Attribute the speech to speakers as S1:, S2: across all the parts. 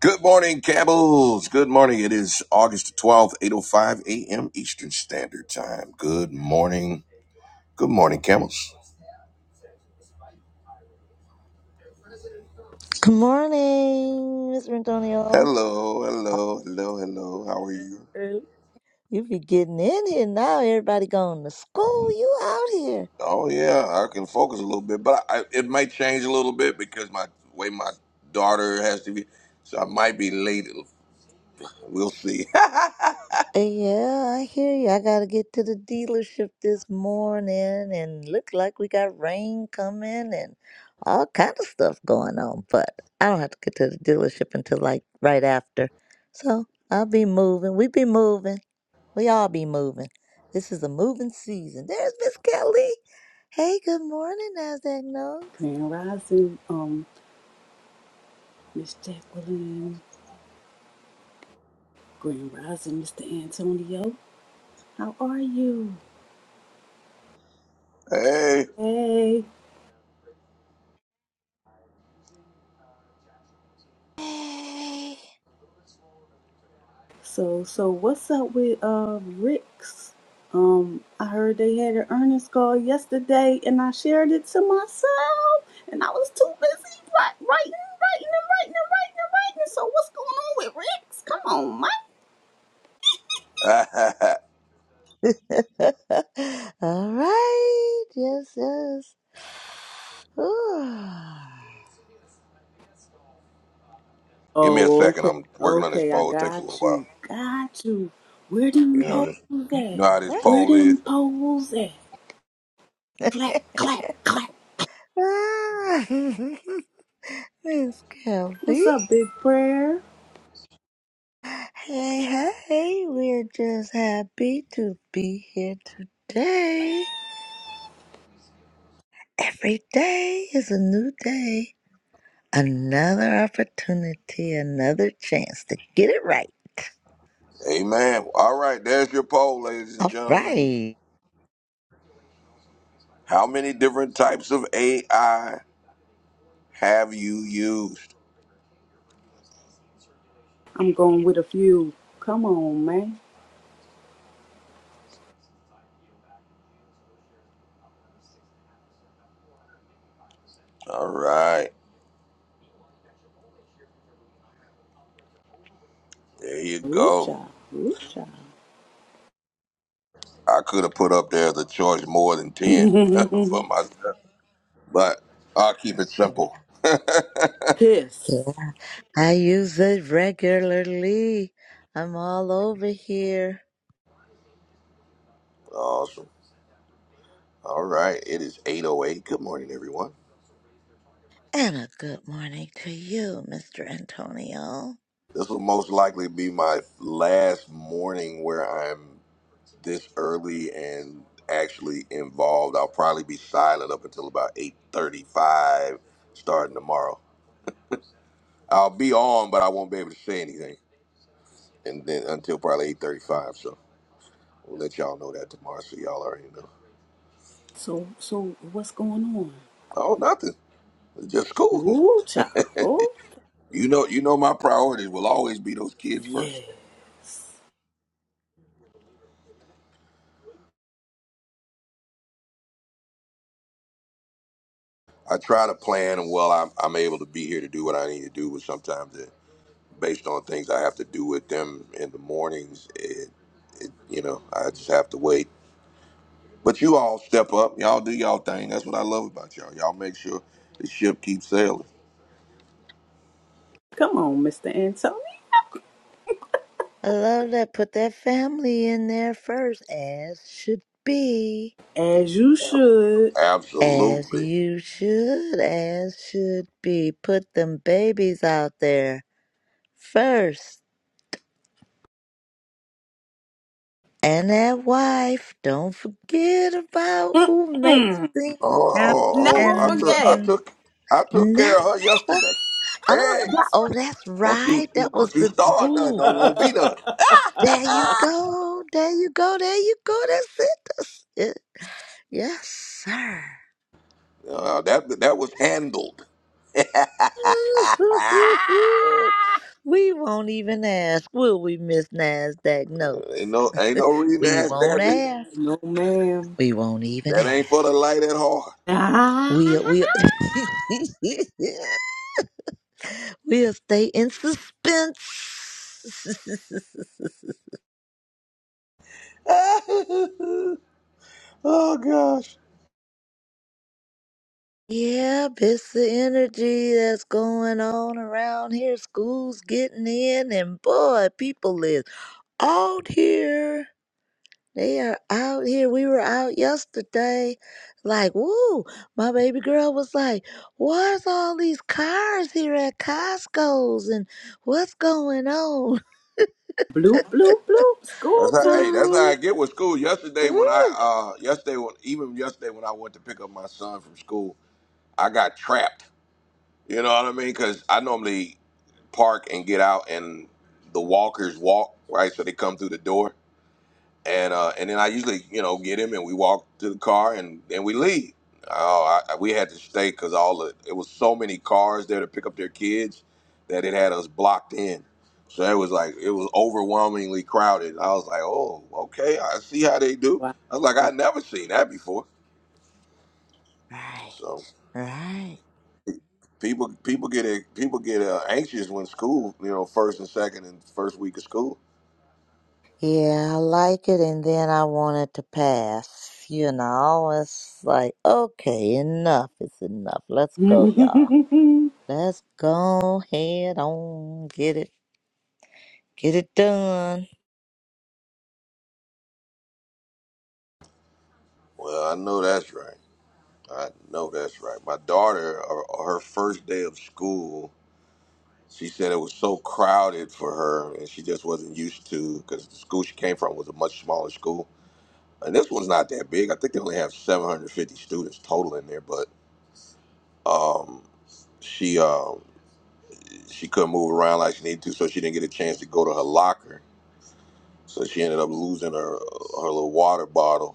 S1: Good morning, Camels. Good morning. It is August 12th, 8.05 a.m. Eastern Standard Time. Good morning. Good morning, Camels.
S2: Good morning, Mr. Antonio.
S1: Hello, hello, hello, hello. How are you?
S2: Hey, You be getting in here now. Everybody going to school. You out here.
S1: Oh, yeah, I can focus a little bit, but I, it might change a little bit because my way my daughter has to be, so I might be late. We'll see.
S2: Uh, Yeah, I hear you. I got to get to the dealership this morning and look like we got rain coming and all kind of stuff going on. But I don't have to get to the dealership until like right after. So I'll be moving. We be moving. We all be moving. This is a moving season. There's Miss Kelly. Hey, good morning, NASDAQ Notes.
S3: Grand Rising, um, Miss Jacqueline. Grand Rising, Mr. Antonio. How are you?
S1: hey,
S3: Hey.
S2: Yay.
S3: So, so what's up with uh Rick's? Um, I heard they had an earnings call yesterday, and I shared it to myself, and I was too busy wri- writing, writing, and writing, and writing, and writing. So, what's going on with Rick's? Come on, Mike.
S2: All right. Yes, yes. Ooh.
S1: give me a
S3: Oh,
S1: second.
S3: okay.
S1: I'm working on this
S3: Okay, I
S1: poll. It takes a little
S3: got
S1: while.
S3: you. Got you. Where
S1: You
S3: them
S1: know,
S2: Okay.
S1: this,
S3: poles
S2: Okay.
S1: you
S3: at?
S1: know how
S2: Okay.
S1: this
S3: Where
S1: poll is.
S3: them poles at? Clack, clack, clack.
S2: Ah, Miss
S3: What's
S2: Kelly.
S3: up, big prayer?
S2: Hey, hey. We're just happy to be here today. Every day is a new day. Another opportunity, another chance to get it right.
S1: Amen. All right, there's your poll, ladies and
S2: All
S1: gentlemen.
S2: right.
S1: How many different types of AI have you used?
S3: I'm going with a few. Come on, man.
S1: All right, there you
S3: Ooh,
S1: go.
S3: child. Ooh, child.
S1: I could have put up there the choice more than 10 for myself, but I'll keep it simple.
S3: Kiss.
S2: I use it regularly. I'm all over here.
S1: awesome. All right, it is 8.08. Good morning, everyone.
S2: And a good morning to you, Mr. Antonio.
S1: This will most likely be my last morning where I'm this early and actually involved. I'll probably be silent up until about eight thirty-five, starting tomorrow. I'll be on, but I won't be able to say anything, and then until probably eight thirty-five. So we'll let y'all know that tomorrow, so y'all already know.
S3: So, so what's going on?
S1: Oh, nothing. It's just school.
S3: Ooh, child. Oh,
S1: You know, you know, my priorities will always be those kids first.
S3: yes.
S1: I try to plan, and well, I'm, I'm able to be here to do what I need to do. But sometimes, it, based on things I have to do with them in the mornings, it, it you know, I just have to wait But you all step up. Y'all do y'all thing. That's what I love about y'all. Y'all make sure the ship keeps sailing.
S3: Come on, Mr. Antonio.
S2: I love that. Put that family in there first, as should be.
S3: As you
S1: Ab-
S3: should.
S2: As
S1: Absolutely.
S2: you should, as should be. Put them babies out there first. And that wife. Don't forget about who makes
S3: Mm,
S2: things
S1: Oh,
S2: happen.
S1: oh, oh!
S3: never
S1: I took, I
S3: forget.
S1: took, I took care of her
S2: Never
S1: yesterday.
S2: Oh,
S1: Hey,
S2: wow. oh, that's
S1: don't you,
S2: right. That was
S1: don't you
S2: the
S1: start nothing?
S2: school.
S1: Don't won't be done.
S2: There you go. There you go. There you go. That's it. That's it. Yes, sir.
S1: Uh, that that was handled.
S2: Ooh-hoo-hoo-hoo. We won't even ask, will we, Miss Nasdaq
S1: ain't
S2: Notes?
S1: no, ain't no reason to
S2: We
S1: ask
S2: won't
S1: that.
S2: ask.
S3: No, ma'am.
S2: We won't even
S1: That ain't for the
S2: ask.
S1: light at heart.
S3: Ah,
S2: We'll we'll we'll stay in suspense.
S1: oh gosh.
S2: Yep, it's the energy that's going on around here. School's getting in, and boy, people is out here. They are out here. We were out yesterday. Like, woo, my baby girl was like, Where's all these cars here at Costco's and what's going on?
S3: bloop, bloop, bloop.
S1: That's
S3: School
S1: how, hey, that's how I
S3: time.
S1: get with school. Yesterday when I
S2: woo.
S1: uh yesterday when even yesterday when I went to pick up my son from school, I got trapped. You know what I mean? Cuz I normally park and get out and the walkers walk, right? So they come through the door and uh, and then I usually you know get him and we walk to the car and then we leave. Oh, I, we had to stay because all the it was so many cars there to pick up their kids that it had us blocked in. So it was like it was overwhelmingly crowded. I was like, oh, okay, I see how they do.
S3: Wow.
S1: I was like, I never seen that before.
S2: Right,
S1: So
S2: right.
S1: people people get people get uh, anxious when school you know first and second and first week of school.
S2: Yeah, I like it, and then I want it to pass. You know, it's like, okay, enough is enough. Let's go, y'all.
S3: Woo,
S2: Let's go head on. Get it, get it done.
S1: Well, I know that's right. I know that's right. My daughter, her her first day of school, she said it was so crowded for her, and she just wasn't used to because the school she came from was a much smaller school, and this one's not that big. I think they only have 750 students total in there, but um, she um, she couldn't move around like she needed to, so she didn't get a chance to go to her locker. So she ended up losing her her little water bottle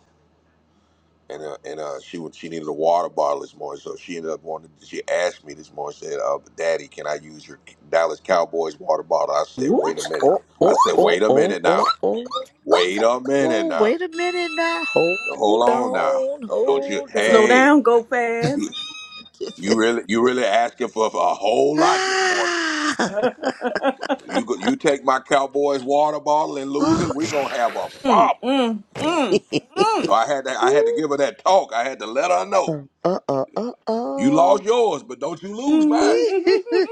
S1: and uh, and uh, she would she needed a water bottle this morning, so she ended up wanting. She asked me this morning, said, uh, "Daddy, can I use your Dallas Cowboys water bottle?" I said, "Wait a
S3: child.
S1: minute."
S2: Oh,
S1: I
S2: oh,
S1: said,
S2: oh,
S1: "Wait a
S2: oh,
S1: minute
S2: oh,
S1: now.
S2: oh, oh,
S1: Wait
S2: oh,
S1: a minute
S2: oh,
S1: now.
S2: wait a minute now.
S1: Hold
S2: Hold
S1: on now.
S2: on,
S1: Don't you?
S2: hold up.
S3: Slow
S1: Hey,
S3: down, go fast.
S1: you you really you really asking for, for a whole lot this morning?
S2: ah,
S1: You go, you take my Cowboys water bottle and lose
S2: oh,
S1: it, we gonna have a
S3: Mm,
S1: problem."
S3: mm, mm,
S1: So I had to I had to give her that talk. I had to let her know
S2: uh, uh, uh, uh.
S1: you lost
S2: uh.
S1: yours, but don't you lose mine.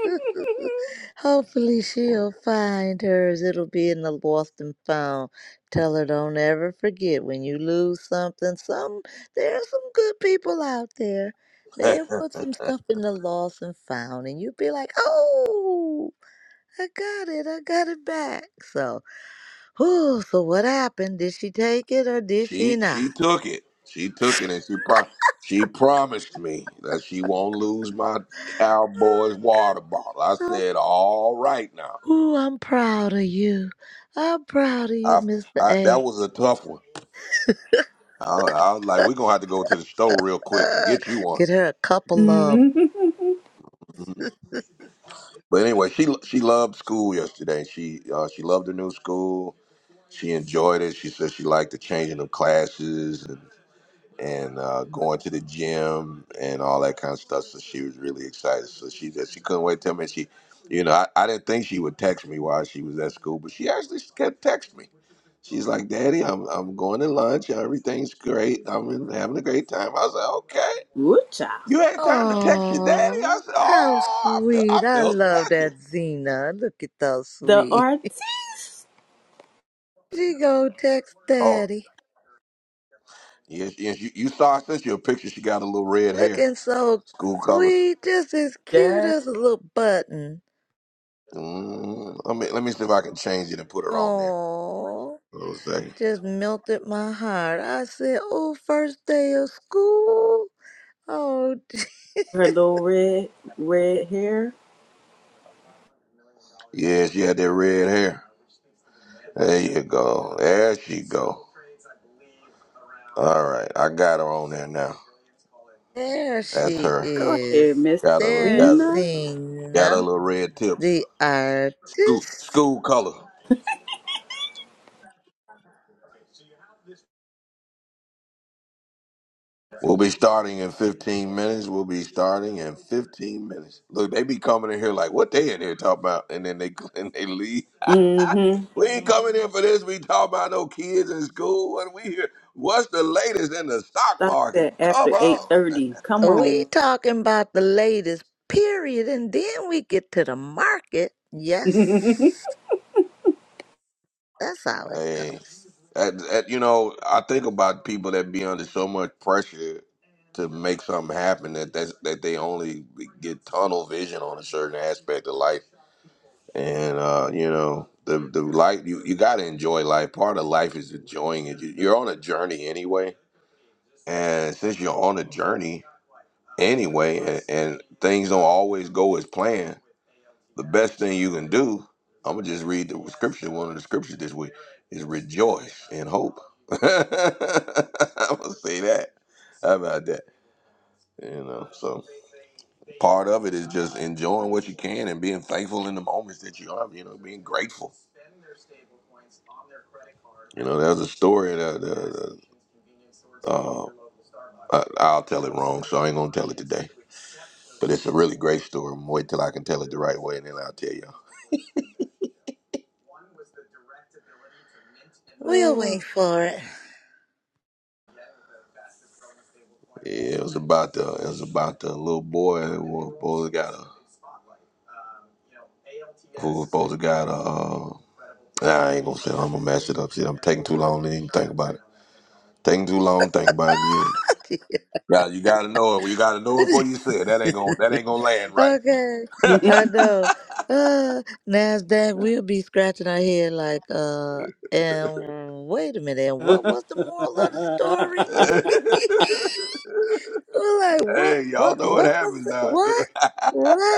S2: Hopefully she'll find hers. It'll be in the lost and found. Tell her don't ever forget when you lose something. Some there are some good people out there. They'll put some stuff in the lost and found, and you'll be like, "Oh, I got it! I got it back." So, oh, so what happened? Did she take it or did she
S1: She
S2: not?
S1: she took it. She took it, and she pro- she promised me that she won't lose my Cowboys
S2: Oh, good.
S1: water bottle. I
S2: I'm
S1: said, "All right now."
S2: Ooh, I'm proud of you. I'm proud of you,
S1: I,
S2: Mr.
S1: I that
S2: A.
S1: was a tough one. I, I was like, "We're gonna have to go to the store real quick and
S2: Uh,
S1: get you one."
S2: get her a couple of.
S1: But anyway, she she loved school yesterday. She uh, she loved the new school. She enjoyed it. She said she liked the changing of classes. and uh, going to the gym and all that kind of stuff. So she was really excited. So she said she couldn't wait till me. She, you know, I, I didn't think she would text me while she was at school, but she actually kept texting me. She's like, "Daddy, I'm I'm going to lunch. Everything's great. I'm in- having a great time." I was like, "Okay,
S3: Woo, child.
S1: you had time to text your daddy." I
S2: Oh,
S1: said,
S2: how
S1: "Oh, I feel I
S2: sweet. I
S1: felt
S2: love
S1: special."
S2: that Zena. Look at those
S3: The
S2: sweet.
S3: artiste.
S2: She go text
S1: Oh,
S2: daddy.
S1: yes, yes. You, you saw I sent you a picture. She got a little red hair,
S2: Looking so
S1: school colors.
S2: sweet. Just as cute
S3: Yeah.
S2: as a little button.
S1: Mm, let me let me see if I can change it and put her on there.
S2: Oh,
S1: Hold on a second.
S2: just melted my heart. I said, oh, first day of school. Oh,
S3: Her little red, red hair.
S1: Yeah, she had that red hair. There you go. There she go. All right, I got her on there now.
S2: there
S1: That's
S2: she
S1: her.
S3: Go ahead,
S2: is.
S3: Miss
S1: Got her little
S2: There's
S1: got her,
S3: Zena.
S1: got her
S2: Zena,
S1: little red tips.
S2: the
S1: School
S2: artist.
S1: school color. We'll be starting in 15 minutes. We'll be starting in 15 minutes. Look, they be coming in here like, what they in here talking about? And then they and they leave.
S3: Mm-hmm.
S1: We ain't coming in for this. We talking about no kids in school. What we here? What's the latest in the stock
S3: Stop
S1: market?
S3: that
S1: Come
S3: after
S1: on.
S3: 8.30. Come
S2: We
S3: on.
S2: talking about the latest period, and then we get to the market. Yes, that's how it
S1: Hey,
S2: goes.
S1: at, at, you know, I think about people that be under so much pressure to make something happen that that's, that they only get tunnel vision on a certain aspect of life, and uh, you know, the the life you you got to enjoy life. Part of life is enjoying it. You- You're on a journey anyway, and since you're on a journey anyway, and, and things don't always go as planned. the best thing you can do, I'm gonna just read the scripture. One of the scriptures this week is rejoice and hope. I'm gonna say that. How about that? You know, so part of it is just enjoying what you can and being thankful in the moments that you are. You know, being grateful. You know, there's a story that the, uh, uh, I, I'll tell it wrong, so I ain't gonna tell it today. But it's a really great story. I'm gonna wait till I can tell it the right way, and then I'll tell you.
S2: We'll
S1: Uh,
S2: wait for it.
S1: yeah, it was about the it was about the little boy who was supposed to got a who was supposed to got a. Uh, nah, I ain't gonna say. I'm gonna mess it up. Shit, I'm taking too long to even think about it. Taking too long, to think about it. You ain't. Yeah, you gotta know it. You gotta know it before you say it. That ain't gonna that ain't gonna land right.
S2: okay, I know. Uh, Nasdaq, we'll be scratching our head like, uh, and wait a minute, and what was the moral of the story? We're like, what,
S1: hey, y'all
S2: what,
S1: know what
S2: what was
S1: happens
S2: it?
S1: now.
S2: What, what?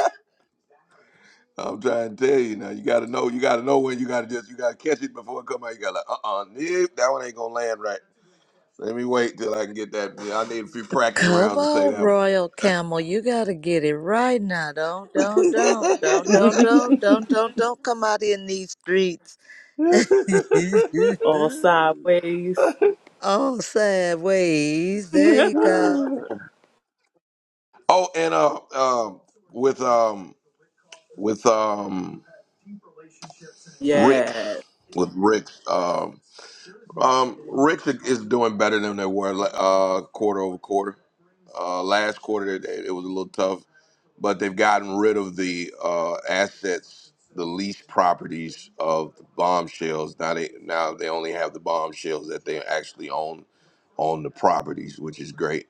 S1: I'm trying to tell you now. You got to know. You got to know when you got to just. You got to catch it before it come out. You got to like, uh, uh nope, that one ain't gonna land right. Let me wait till I can get that. Yeah, I need a few practice
S2: Come
S1: rounds to say
S2: on,
S1: that
S2: Royal Camel, you gotta get it right now. Don't, don't, don't, don't, don't, don't, don't, don't, don't come out in these streets.
S1: one.
S3: All sideways.
S2: All sideways. There you go.
S1: oh, and uh, um, with um, with um, Rick,
S3: Yes.
S1: with Rick's um, um, Rick's is doing better than they were uh quarter over quarter. Uh, last quarter it, it was a little tough. but they've gotten rid of the uh, assets, the lease properties of the bombshells. Now they now they only have the bombshells that they actually own on the properties, which is great.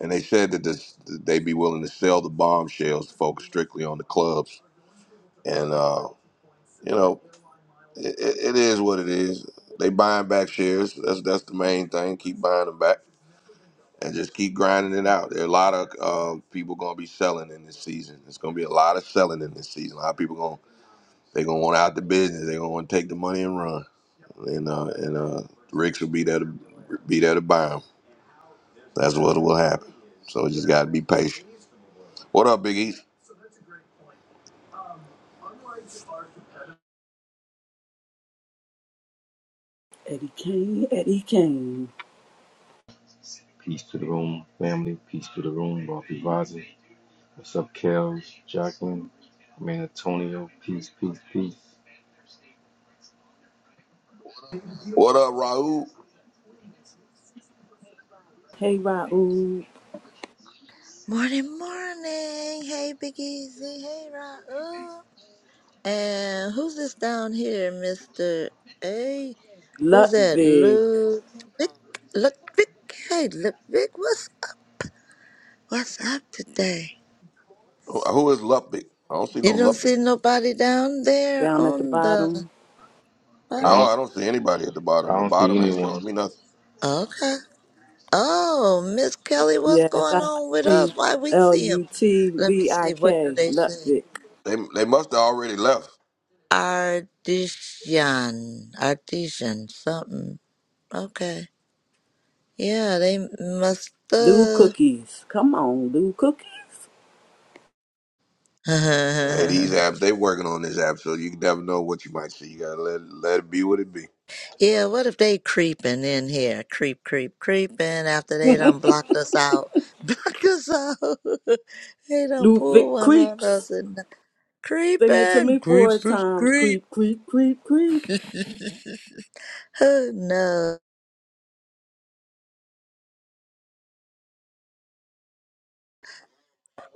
S1: And they said that this, that they'd be willing to sell the bombshells to focus strictly on the clubs. And uh, you know, it, it it is what it is. They buying back shares. That's that's the main thing. Keep buying them back and just keep grinding it out. There are a lot of uh, people going to be selling in this season. There's going to be a lot of selling in this season. A lot of people They're gonna want out the business. They're gonna want to take the money and run. And uh, and uh, Ricks will be there to be there to buy them. That's what will happen. So we just gotta be patient. What up, Big East?
S3: Eddie Kane, Eddie Kane.
S4: Peace to the room, family. Peace to the room, Rafi Vazi. What's up, Kels, Jacqueline? I mean, Antonio. Peace, peace, peace.
S1: What up, Raul?
S3: Hey Raul.
S2: Morning, morning. Hey, Big Easy. Hey, Raul. And who's this down here, Mister A? Who's that?
S3: Lutvig
S2: Ludwig. Ludwig. Hey, Ludwig. What's up? What's up today?
S1: Who who is Luppick? I don't see
S2: You
S1: no
S2: don't
S1: Luppick.
S2: see nobody down there
S3: down at the
S2: on the.
S3: bottom.
S2: huh?
S1: No,
S4: I
S1: I
S4: don't,
S1: don't see anybody at the
S4: I
S1: bottom. The
S4: don't see
S1: bottom ain't
S4: anyone.
S1: showing me nothing.
S2: Okay. Oh, Miss Kelly, what's
S3: Yes, I
S2: going
S3: I
S2: on with us?
S3: see
S2: Why we
S3: L
S2: see him?
S3: U T
S2: Let me
S3: V I
S2: see. What do
S3: K.
S2: they say?
S3: Lutvig.
S1: They they must have already left.
S2: Artisan, artisan, something. Okay. Yeah, they must.
S3: Do
S2: Uh...
S3: cookies. Come on, do cookies.
S1: Hey, these apps, they working on this app, so you never know what you might see. You gotta let let it be what it be.
S2: yeah. What if they creeping in here? Creep, creep, creeping. After they done blocked us out, blocked us out. they done pull
S3: Ludwig
S2: one on us
S3: creeps.
S2: and
S3: Sing it to
S2: Creeping,
S3: me four
S2: creepers
S3: times.
S2: creep.
S3: Creep, creep, creep, creep.
S2: oh no.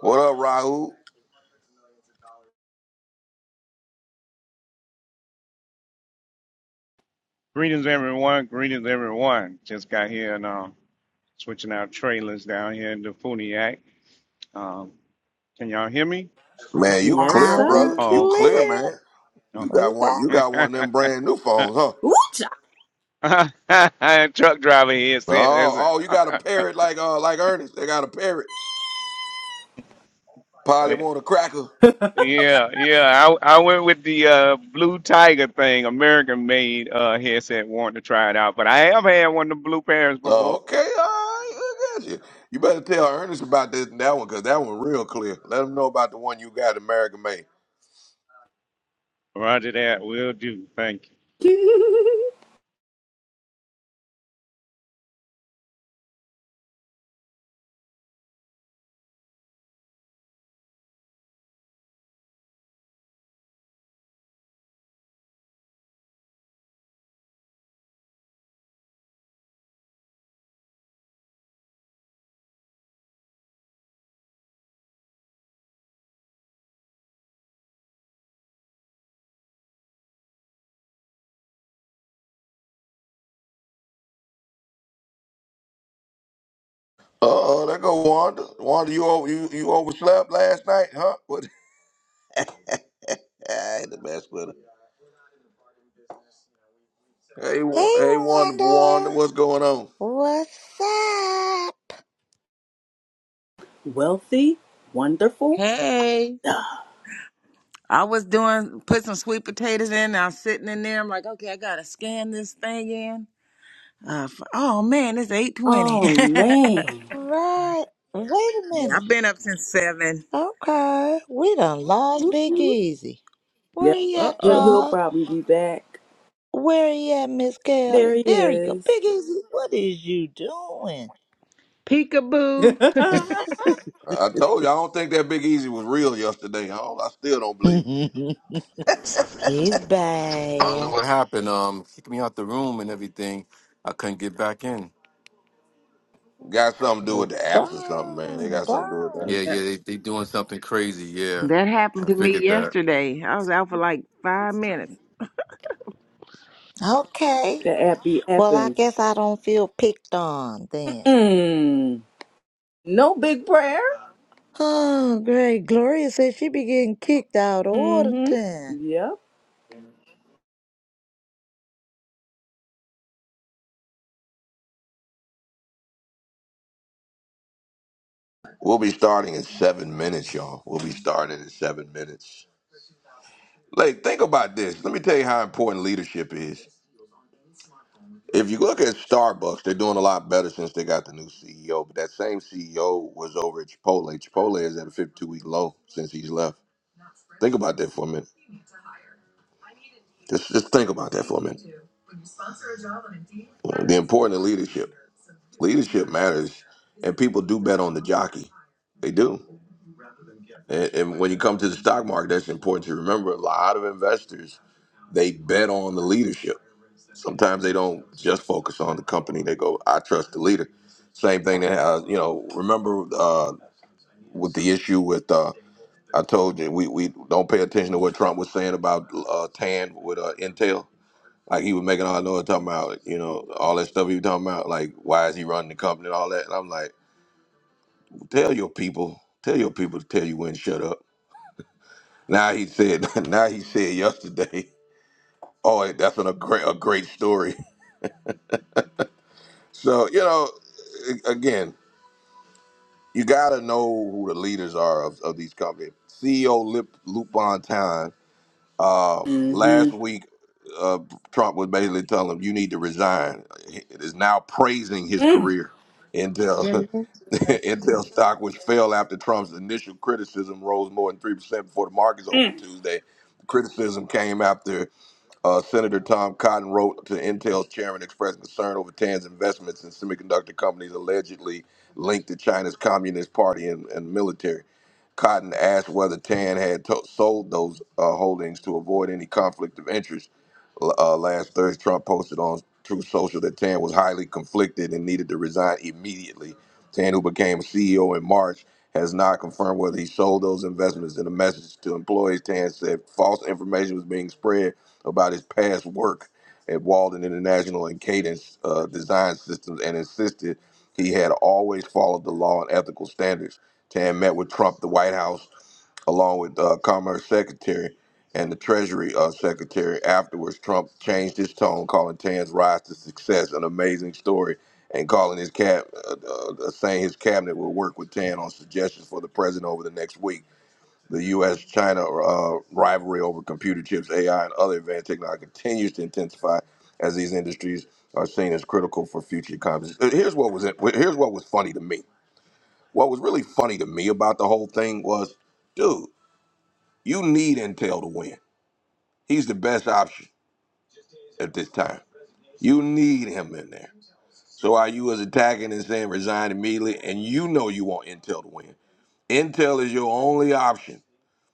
S1: What up, Raul?
S5: Greetings, everyone. Greetings, everyone. Just got here and uh, switching out trailers down here in the Funiac. Um, can y'all hear me?
S1: Man, you
S3: Yes,
S1: clear,
S2: Loud and
S3: sir.
S1: brother. You
S5: Oh,
S1: clear,
S5: okay.
S2: clear.
S1: man. You
S5: No.
S2: We
S1: got one.
S2: got,
S1: You got one of them brand new phones, huh?
S3: Ooh-cha.
S5: Truck driver here said,
S1: Oh,
S5: that's
S1: oh, you got a parrot like uh like Ernest. They got a parrot. Probably
S5: it.
S1: want a cracker.
S5: yeah, yeah. I, I went with the uh, Blue Tiger thing, American made uh, headset, wanted to try it out. But I have had one of the Blue Parents
S1: Oh,
S5: before.
S1: okay, all right, I got you. You better tell Ernest about this that one, cause that one real clear. Let him know about the one you got, American made.
S5: Roger that. Will do. Thank you.
S1: Uh, oh, there go Wanda. Wanda, you over you, you overslept last night, huh? What? I had to mess with her. Hey,
S2: hey
S1: Wa- hey, Wanda, Wanda,
S2: Wanda,
S1: what's going on?
S2: what's up?
S3: Wealthy, wonderful.
S6: Hey, I was doing put some sweet potatoes in. I was sitting in there. I'm like, okay, I gotta scan this thing in. Uh, f- oh man, it's eight twenty.
S3: Oh
S6: yeah,
S3: man.
S2: Right. Wait a minute.
S6: I've been up since seven.
S2: Okay, we done lost Big Easy. Where
S3: Yep.
S2: he
S6: Uh
S2: at,
S3: He'll
S6: oh,
S3: he'll
S2: y'all?
S3: probably be back.
S2: Where he at, Miss
S3: There
S2: Kelly?
S3: he
S2: There you go.
S3: is.
S2: Big Easy, what is you doing?
S3: the
S6: peekaboo.
S3: app
S1: I I told you I don't think that Big Easy was real yesterday. I, don't, I still don't believe it.
S2: He's
S4: I don't know
S2: back.
S4: what happened. Um, kicked me out the room and everything. I couldn't get back in.
S1: Got something to do with
S2: Well,
S1: the apps or something, man. They
S2: darn,
S1: got something to
S2: darn.
S1: do with that.
S4: Yeah,
S6: Yeah,
S4: yeah, they they doing something crazy. Yeah,
S6: that happened
S4: I
S6: to me
S4: figured that.
S6: yesterday. I was out for like five minutes.
S2: Okay.
S3: be
S2: Well, I
S3: apping.
S2: guess I don't feel picked on then.
S3: Mm. No big prayer.
S2: Oh, great. Gloria said she be getting kicked out all the
S3: Mm-hmm.
S2: time.
S3: Yep.
S1: We'll be starting in seven minutes, y'all. We'll be starting in seven minutes. Like, think about this. Let me tell you how important leadership is. If you look at Starbucks, they're doing a lot better since they got the new CEO. But that same CEO was over at Chipotle. Chipotle is at a 52 week low since he's left. Think about that for a minute. Just, just think about that for a minute. The importance of leadership. Leadership matters, and people do bet on the jockey. They do. And, and when you come to the stock market, that's important to remember. A lot of investors, they bet on the leadership sometimes they don't just focus on the company. They go, I trust the leader. Same thing that has, you know, remember uh, with the issue with, uh, I told you, we, we don't pay attention to what Trump was saying about uh, TAN with uh, Intel. Like he was making all noise talking about, you know, all that stuff he was talking about, like why is he running the company and all that. And I'm like, tell your people, tell your people to tell you when to shut up. Now he said, now he said yesterday, oh, that's an, a great, a great story. So you know, a- again, you gotta know who the leaders are of, of these companies. CEO Lip Luke Bontan, uh,
S3: Mm-hmm.
S1: last week, uh, Trump was basically telling him, "You need to resign." It is now praising his
S3: Mm.
S1: career until
S6: minutes.
S1: Intel stock, which fell after Trump's initial criticism, rose more than three percent before the markets opened
S3: Mm.
S1: Tuesday. Criticism came after uh, Senator Tom Cotton wrote to Intel's chairman expressing concern over Tan's investments in semiconductor companies allegedly linked to China's Communist Party and, and military. Cotton asked whether Tan had to- sold those uh, holdings to avoid any conflict of interest uh, last Thursday, Trump posted on Truth Social that Tan was highly conflicted and needed to resign immediately. Tan, who became CEO in March, has not confirmed whether he sold those investments. In a message to employees, Tan said false information was being spread about his past work at Walden International and Cadence uh, Design Systems and insisted he had always followed the law and ethical standards. Tan met with Trump, the White House, along with uh, Commerce Secretary and the Treasury uh, Secretary. Afterwards, Trump changed his tone, calling Tan's rise to success an amazing story, and calling his cab, uh, uh, saying his cabinet will work with Tan on suggestions for the president over the next week. The U.S.-China uh, rivalry over computer chips, AI, and other advanced technology continues to intensify as these industries are seen as critical for future economies. Uh, Here's what was here's what was funny to me. What was really funny to me about the whole thing was, dude. You need Intel to win. He's the best option at this time. You need him in there. So are you as attacking and saying resign immediately? And you know you want Intel to win. Intel is your only option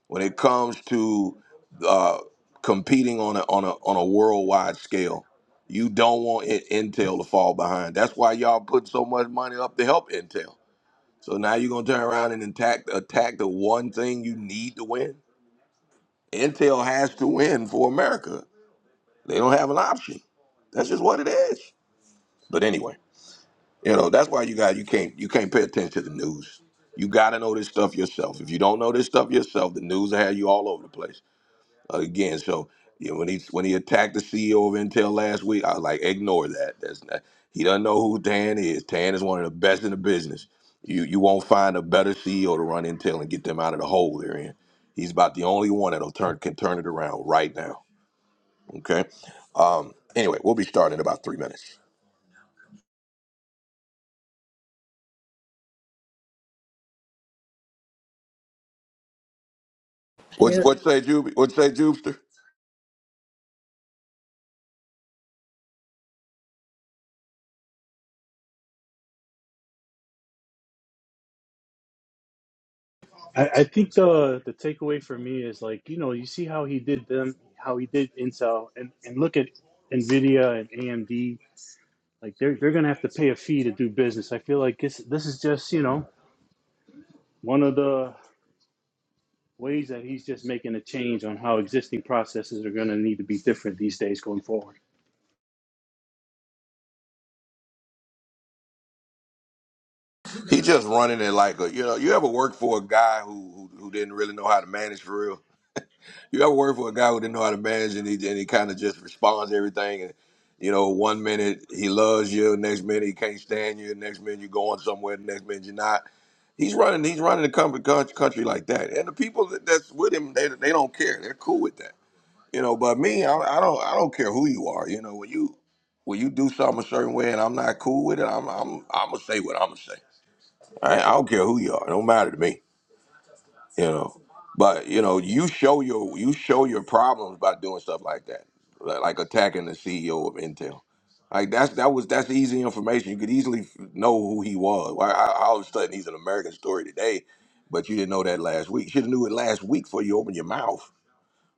S1: when it comes to uh, competing on a on a on a worldwide scale. You don't want I- Intel to fall behind. That's why y'all put so much money up to help Intel. So now you're gonna turn around and attack attack the one thing you need to win. Intel has to win for America. They don't have an option. That's just what it is. But anyway, you know, that's why you got you can't you can't pay attention to the news. You got to know this stuff yourself. If you don't know this stuff yourself, the news will have you all over the place. Uh, again, so you know, when he when he attacked the CEO of Intel last week, I was like, ignore that. That's not, he doesn't know who Tan is. Tan is one of the best in the business. You you won't find a better CEO to run Intel and get them out of the hole they're in. He's about the only one that'll turn can turn it around right now. Okay. Um, anyway, we'll be starting in about three minutes. What
S3: There
S1: what say Jube? What say Jubster?
S7: I, I think the the takeaway for me is like you know you see how he did them how he did Intel and and look at Nvidia and AMD like they're they're gonna have to pay a fee to do business. I feel like this this is just you know one of the ways that he's just making a change on how existing processes are gonna need to be different these days going forward.
S1: He just running it like a you know. You ever work for a guy who, who who didn't really know how to manage for real? You ever work for a guy who didn't know how to manage and he and he kind of just responds to everything and you know one minute he loves you, next minute he can't stand you, next minute you're going somewhere, the next minute you're not. He's running. He's running the country country like that, and the people that, that's with him they they don't care. They're cool with that. You know, but me, I, I don't I don't care who you are. You know, when you when you do something a certain way and I'm not cool with it, I'm I'm I'm gonna say what I'm gonna say. I, I don't care who you are. It don't matter to me. You know, but you know, you show your you show your problems by doing stuff like that, like, like attacking the CEO of Intel. Like that's that was that's easy information. You could easily f- know who he was. Why I, I all of a sudden he's an American story today, but you didn't know that last week. You should have knew it last week before you opened your mouth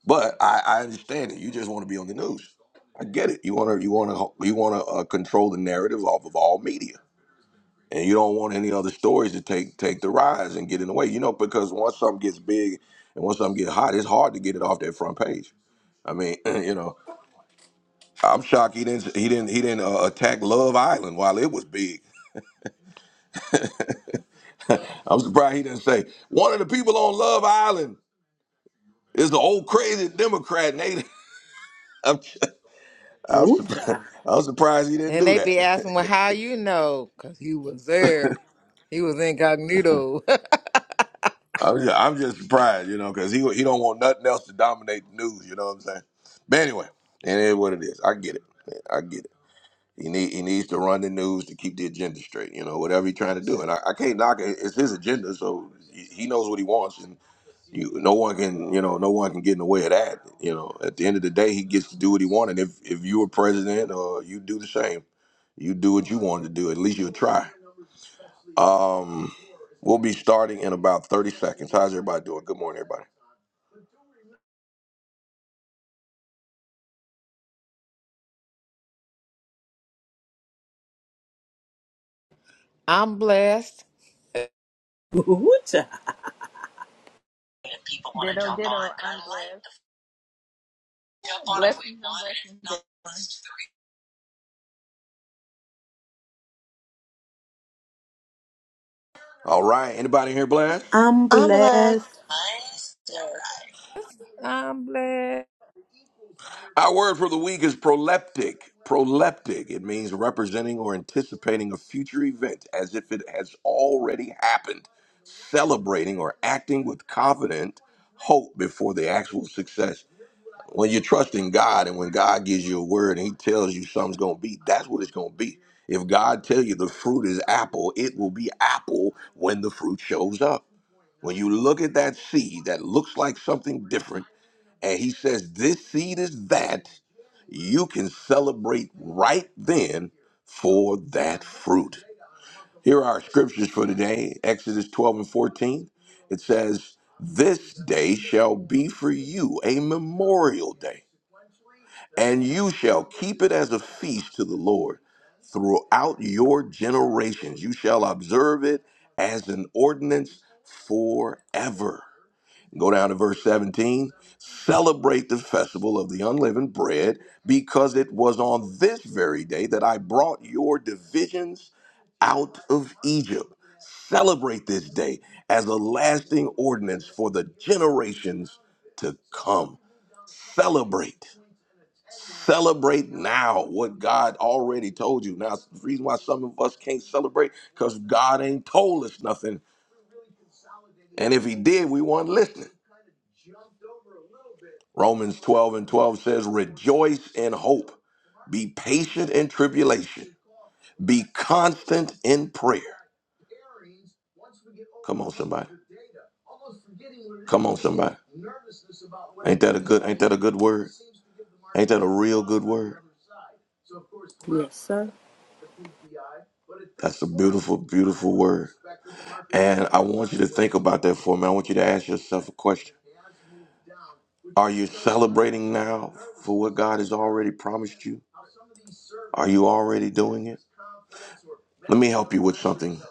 S1: but I, I understand it. You just want to be on the news. I get it. You want to you want to you want to uh, control the narrative off of all media, and you don't want any other stories to take take the rise and get in the way. You know, because once something gets big and once something gets hot, it's hard to get it off that front page. I mean, you know, I'm shocked he didn't he didn't he didn't uh, attack Love Island while it was big. I'm surprised he didn't say one of the people on Love Island is the old crazy Democrat. Nate, I'm, I'm
S3: ooh,
S1: surprised.
S3: child.
S1: I'm surprised he didn't
S6: Then
S1: do
S6: they
S1: that.
S6: be asking, well, how you know? Because he was there. He was incognito.
S1: I'm just, I'm just surprised, you know, because he he don't want nothing else to dominate the news. You know what I'm saying? But anyway, and it is what it is. I get it. I get it. He need he needs to run the news to keep the agenda straight. You know, whatever he's trying to do, and I, I can't knock it. It's his agenda, so he he knows what he wants, and you no one can you know no one can get in the way of that. You know, at the end of the day, he gets to do what he wants, and if if you were president, or you do the same, you do what you wanted to do. At least you'll try. Um, we'll be starting in about 30 seconds. How's everybody doing? Good morning, everybody.
S6: I'm blessed.
S3: Ooh, child.
S8: Ditto, ditto, Andres. Blessings and blessings,
S1: All right. Anybody here, Blast?
S3: I'm
S2: I'm
S3: blessed.
S2: blessed.
S8: everyone. Yes.
S6: I'm blessed.
S1: Our word for the week is proleptic. Proleptic. It means representing or anticipating a future event as if it has already happened, celebrating or acting with confident hope before the actual success. when you're trusting God and when God gives you a word and He tells you something's gonna be, that's what it's gonna be. If God tell you the fruit is apple, it will be apple when the fruit shows up. When you look at that seed that looks like something different, and He says, "This seed is that," you can celebrate right then for that fruit. Here are our scriptures for today: Exodus 12 and 14. It says, "This day shall be for you a memorial day." and you shall keep it as a feast to the Lord throughout your generations. You shall observe it as an ordinance forever. Go down to verse 17. Celebrate the festival of the unleavened bread because it was on this very day that I brought your divisions out of Egypt. Celebrate this day as a lasting ordinance for the generations to come. Celebrate. Celebrate now what God already told you. Now, it's the reason why some of us can't celebrate because God ain't told us nothing. And if He did, we weren't listening. Romans 12 and 12 says, Rejoice in hope, be patient in tribulation, be constant in prayer. Come on, somebody. Come on, somebody. Ain't that a good ain't that a good word? Ain't that a real good word?
S3: Yes, sir.
S1: That's a beautiful, beautiful word. And I want you to think about that for a minute. I want you to ask yourself a question. Are you celebrating now for what God has already promised you? Are you already doing it? Let me help you with something.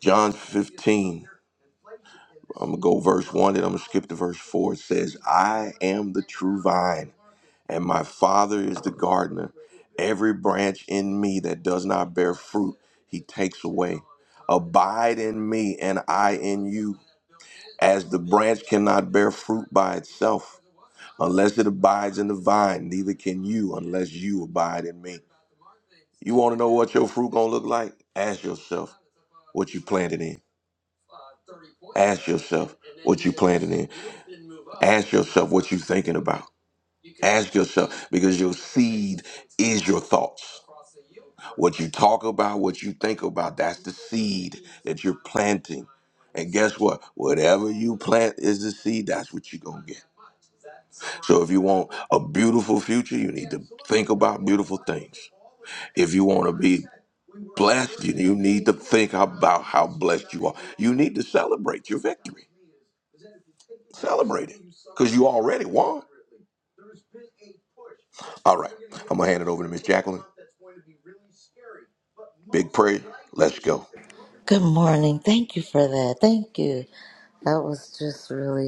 S1: John 15, I'm going to go verse 1 and I'm going to skip to verse 4. It says, I am the true vine, and my Father is the gardener. Every branch in me that does not bear fruit, he takes away. Abide in me, and I in you, as the branch cannot bear fruit by itself Unless it abides in the vine, neither can you unless you abide in me. You want to know what your fruit gonna look like? Ask yourself what you planted in. Ask yourself what you planted in. Ask yourself what you are thinking about. Ask yourself because your seed is your thoughts. What you talk about, what you think about, that's the seed that you're planting. And guess what? Whatever you plant is the seed, that's what you're gonna get. So if you want a beautiful future, you need to think about beautiful things. If you want to be blessed, you you need to think about how blessed you are. You need to celebrate your victory. Celebrate it because you already won. All right, I'm going to hand it over to Miss Jacqueline. Big prayer. Let's go.
S2: Good morning. Thank you for that. Thank you. That was just really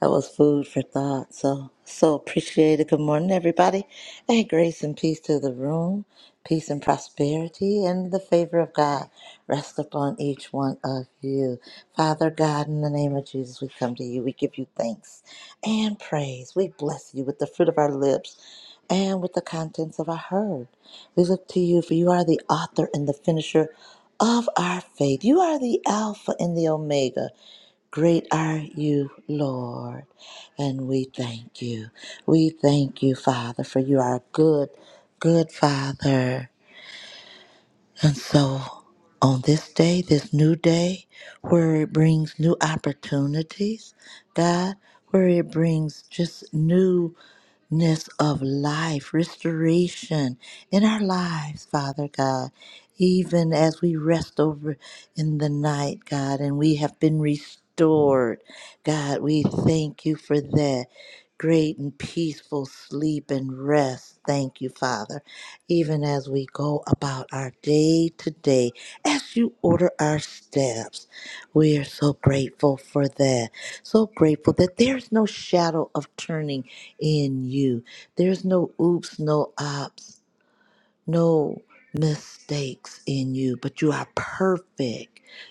S2: That was food for thought. So, so appreciated. Good morning, everybody. And grace and peace to the room. Peace and prosperity and the favor of God rest upon each one of you. Father God, in the name of Jesus, we come to you. We give you thanks and praise. We bless you with the fruit of our lips and with the contents of our heart. We look to you, for you are the author and the finisher of our faith. You are the Alpha and the Omega. Great are you, Lord, and we thank you. We thank you, Father, for you are a good, good Father. And so on this day, this new day, where it brings new opportunities, God, where it brings just new ness of life, restoration in our lives, Father God. Even as we rest over in the night, God, and we have been restored, God, we thank you for that great and peaceful sleep and rest. Thank you, Father. Even as we go about our day to day, as you order our steps, we are so grateful for that. So grateful that there's no shadow of turning in you. There's no oops, no ops, no mistakes in you, but you are perfect.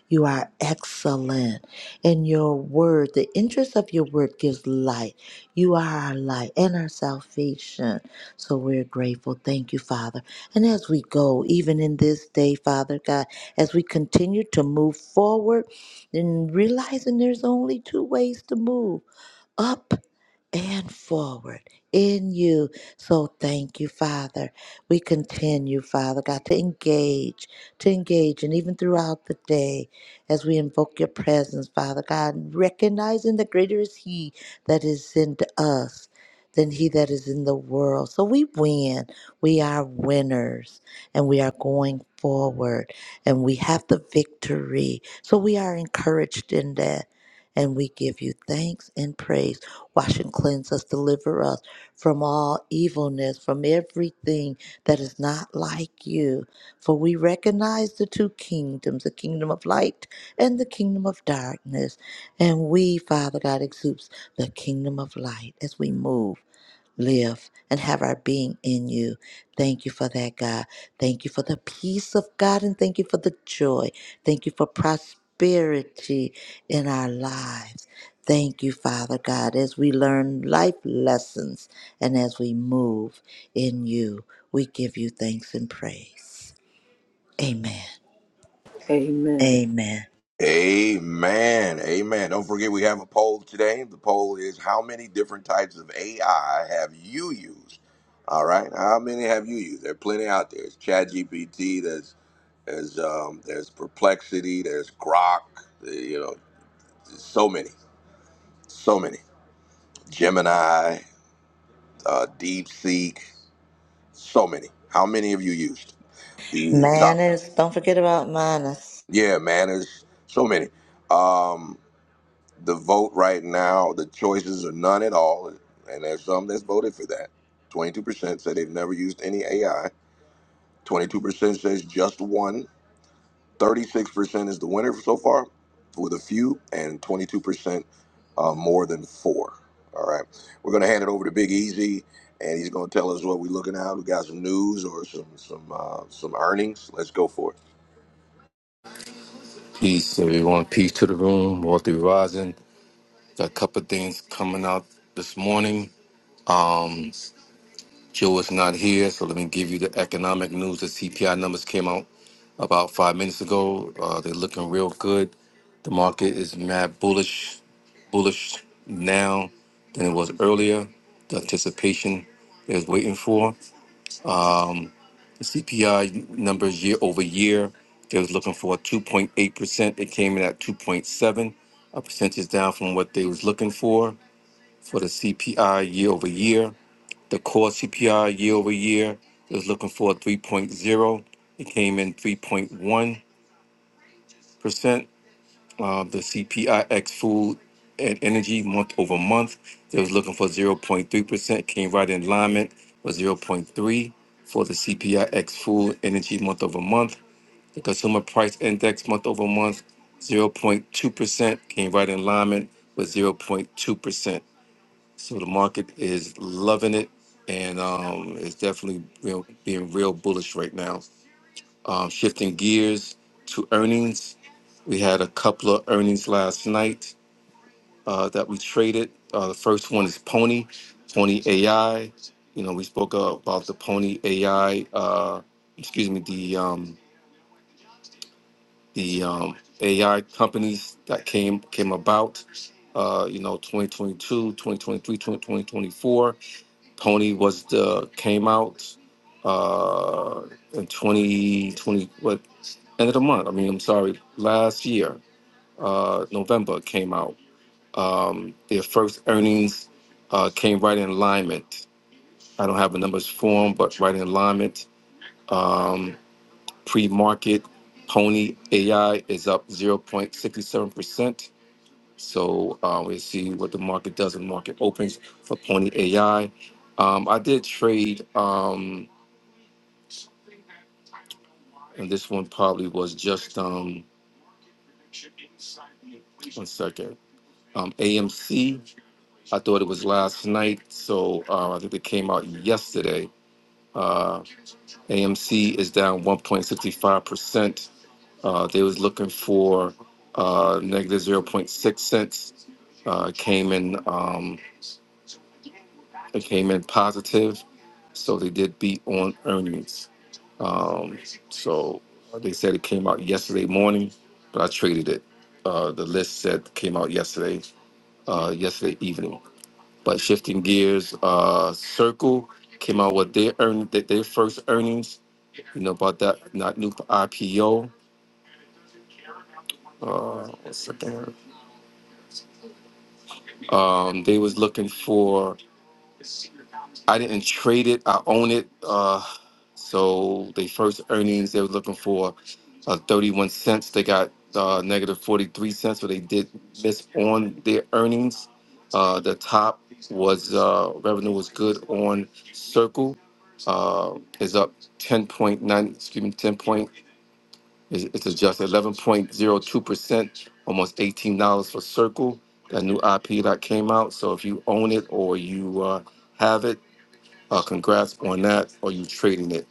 S2: You are excellent. And your word, the interest of your word gives light. You are our light and our salvation. So we're grateful. Thank you, Father. And as we go, even in this day, Father God, as we continue to move forward and realizing there's only two ways to move up and forward in you. So thank you, Father. We continue, Father God, to engage, to engage, and even throughout the day as we invoke your presence, Father God, recognizing that greater is He that is in us. Than he that is in the world. So we win. We are winners and we are going forward and we have the victory. So we are encouraged in that and we give you thanks and praise. Wash and cleanse us, deliver us from all evilness, from everything that is not like you. For we recognize the two kingdoms, the kingdom of light and the kingdom of darkness. And we, Father God, exudes the kingdom of light as we move live and have our being in you. Thank you for that, God. Thank you for the peace of God and thank you for the joy. Thank you for prosperity in our lives. Thank you, Father God, as we learn life lessons and as we move in you, we give you thanks and praise. Amen.
S3: Amen.
S2: Amen.
S1: Amen. Amen. Don't forget we have a poll today. The poll is how many different types of AI have you used? All right. How many have you used? There are plenty out there. It's ChatGPT. There's um, there's perplexity. There's grok. uh, You know, so many, so many. Gemini, uh, DeepSeek, so many. How many have you used? The top.
S2: Manners, don't forget about manners.
S1: Yeah, man, there's so many. Um, the vote right now, the choices are none at all, and there's some that's voted for that. Twenty-two percent say they've never used any AI. Twenty-two percent says just one. 36% is the winner so far with a few and 22% uh, more than four. All right. We're going to hand it over to Big Easy and he's going to tell us what we're looking at. We got some news or some some uh, some earnings. Let's go for it.
S4: Peace, everyone. Peace to the room. Walter Rising. Got a couple of things coming out this morning. Um, Joe is not here, so let me give you the economic news. The CPI numbers came out about five minutes ago. Uh, they're looking real good. The market is mad bullish, bullish now than it was earlier. The anticipation they was waiting for the CPI numbers year over year. They was looking for 2.8 percent. It came in at 2.7, a percentage down from what they was looking for for the CPI year over year. The core CPI year over year they was looking for 3.0. It came in 3.1 percent uh, the CPIX food and energy month over month. They was looking for 0.3%, came right in alignment with zero point 0.3 for the CPIX food energy month over month. The consumer price index month over month, 0.2%, came right in alignment with 0.2%. So the market is loving it and um, it's definitely real, being real bullish right now. Um, shifting gears to earnings, we had a couple of earnings last night uh, that we traded. Uh, the first one is Pony, Pony AI. You know, we spoke about the Pony AI. Uh, excuse me, the um, the um, AI companies that came came about. Uh, you know, 2022, 2023, 2024. Pony was the came out uh, in 2020. What end of the month? I mean, I'm sorry, last year, uh, November came out Um, their first earnings uh, came right in alignment. I don't have the numbers for them, but right in alignment. Um, Pre market, Pony AI is up 0.67%. So uh, we'll see what the market does when the market opens for Pony AI. Um, I did trade, um, and this one probably was just um, one second. Um, AMC, I thought it was last night. So uh, I think it came out yesterday. Uh, AMC is down 1.65%. Uh, they was looking for uh, negative zero point 0.6 cents. Uh, came in um, it came in positive, so they did beat on earnings. Um, so they said it came out yesterday morning, but I traded it. Uh, the list said it came out yesterday uh, yesterday evening. But shifting gears, uh, Circle came out with their earn their their first earnings. You know about that not new IPO uh, what's the thing? Um, they was looking for. I didn't trade it. I own it. Uh, so the first earnings they was looking for uh, thirty one cents. They got uh, negative forty three cents. So they did miss on their earnings. Uh, the top was uh, revenue was good on Circle. Uh, is up ten point nine. Excuse me, ten point nine It's it's a just eleven point zero two percent, almost eighteen dollars for Circle, that new IP that came out. So if you own it or you uh, have it, uh, congrats on that, or you trading it.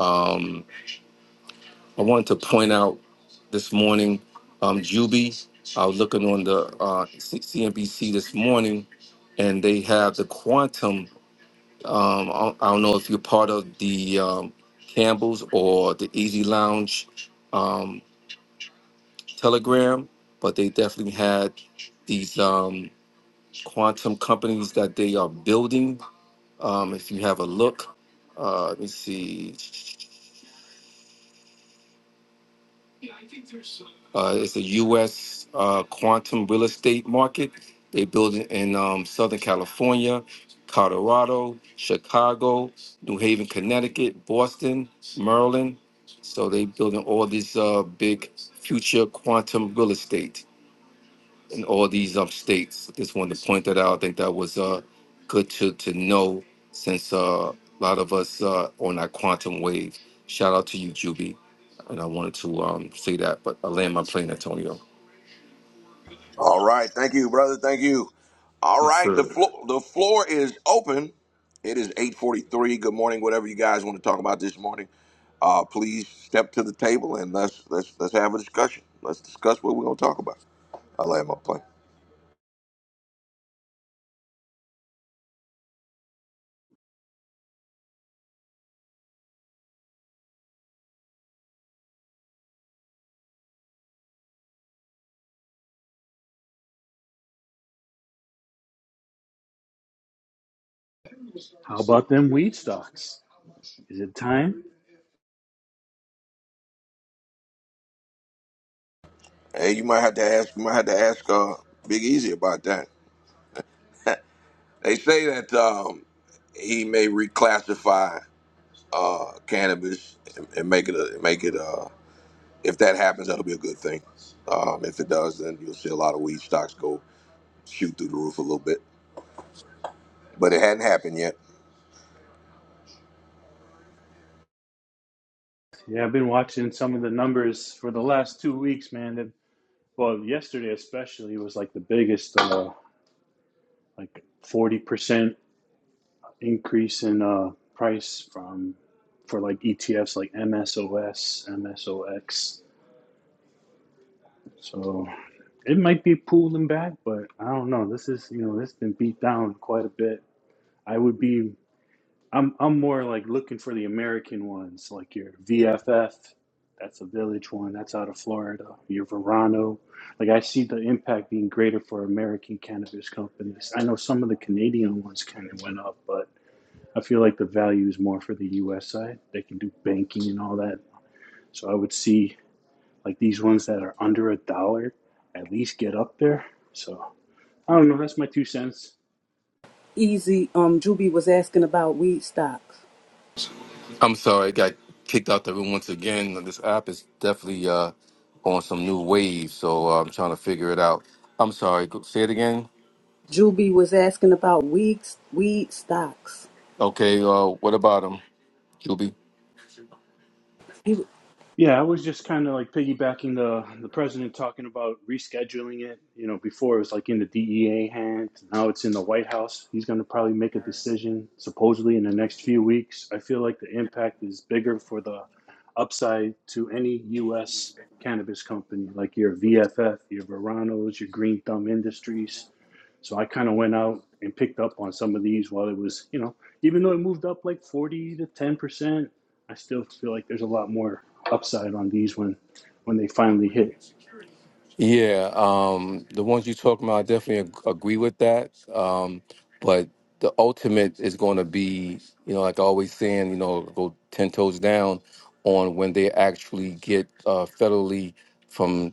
S4: Um, I wanted to point out this morning, um, Juby. I was looking on the uh, C- CNBC this morning, and they have the Quantum. Um, I don't I don't know if you're part of the um, Campbell's or the Easy Lounge. um, Telegram, but they definitely had these um, quantum companies that they are building. Um, if you have a look, uh, let me see. Uh, it's a U.S. Uh, quantum real estate market. They build it in um, Southern California, Colorado, Chicago, New Haven, Connecticut, Boston, Maryland. So they building all these uh, big future quantum real estate. in all these um states. Just wanted to point that out. I think that was uh good to to know since uh, a lot of us uh on that quantum wave. Shout out to you, Juby. And I wanted to um say that, but I land my plane, Antonio.
S1: All right. Thank you, brother. Thank you. All
S4: Yes,
S1: right. The
S4: sir.
S1: floor the floor is open. It is 8:43. Good morning. Whatever you guys want to talk about this morning, uh, please step to the table and let's let's let's have a discussion. Let's discuss what we're going to talk about. I will land my plane.
S7: How about them weed stocks? Is it time?
S1: Hey, you might have to ask. You might have to ask uh, Big Easy about that. They say that um, he may reclassify uh, cannabis and, and make it a, make it. Uh, if that happens, that'll be a good thing. Um, if it does, then you'll see a lot of weed stocks go shoot through the roof a little bit. But it hadn't happened yet.
S7: Yeah, I've been watching some of the numbers for the last two weeks, man. That well, yesterday especially was like the biggest. Uh, like 40% increase in uh price from for like ETFs like MSOS, MSOX. So it might be pulling back, but I don't know. This is you know, it's been beat down quite a bit. I would be I'm I'm more like looking for the American ones, like your VFF. That's a village one. That's out of Florida. Your Verano. Like I see the impact being greater for American cannabis companies. I know some of the Canadian ones kind of went up, but I feel like the value is more for the U.S. side. They can do banking and all that. So I would see like these ones that are under a dollar at least get up there. So I don't know. That's my two cents.
S3: Easy. Um, Juby was asking about weed stocks.
S4: I'm sorry, I got kicked out the room once again. This app is definitely uh on some new wave, so uh, I'm trying to figure it out. I'm sorry. go- Say it again.
S3: Juby was asking about weeds, weed stocks.
S4: Okay. Uh, what about him, Juby?
S3: He,
S7: Yeah, I was just kind of like piggybacking the the president talking about rescheduling it. You know, before it was like in the DEA hand, now it's in the White House. He's going to probably make a decision supposedly in the next few weeks. I feel like the impact is bigger for the upside to any U.S. cannabis company, like your VFF, your Verano's, your Green Thumb Industries. So I kind of went out and picked up on some of these while it was, you know, even though it moved up like 40 to 10%, I still feel like there's a lot more upside on these when when they finally hit.
S4: Yeah, um, the ones you're talking about, I definitely ag- agree with that. Um, but the ultimate is going to be, you know, like I always saying, you know, go 10 toes down on when they actually get uh, federally from,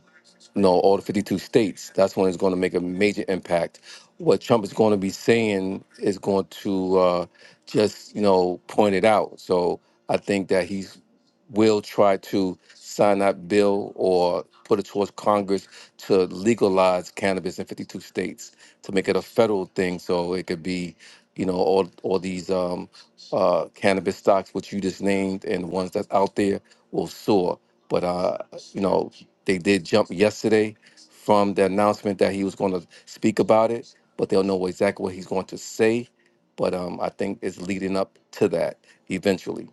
S4: you know, all the 52 states. That's when it's going to make a major impact. What Trump is going to be saying is going to uh, just, you know, point it out. So I think that he's will try to sign that bill or put it towards Congress to legalize cannabis in 52 states to make it a federal thing. So it could be, you know, all, all these um, uh, cannabis stocks, which you just named, and the ones that's out there will soar. But, uh, you know, they did jump yesterday from the announcement that he was going to speak about it, but they'll know exactly what he's going to say. But um, I think it's leading up to that eventually.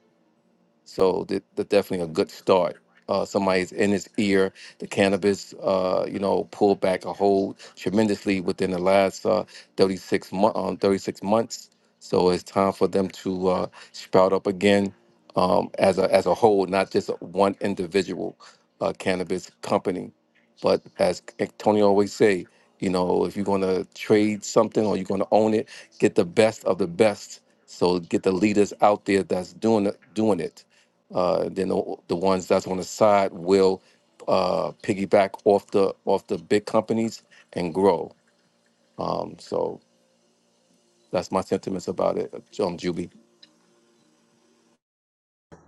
S4: So that that's definitely a good start. Uh, somebody's in his ear. The cannabis, uh, you know, pulled back a whole tremendously within the last uh, 36, mo- um, 36 months. So it's time for them to uh, sprout up again um, as a as a whole, not just one individual uh, cannabis company. But as Antonio always say, you know, if you're going to trade something or you're going to own it, get the best of the best. So get the leaders out there that's doing it, doing it uh, then the, the ones that's on the side will uh, piggyback off the off the big companies and grow. Um, so that's my sentiments about it, um, Juby.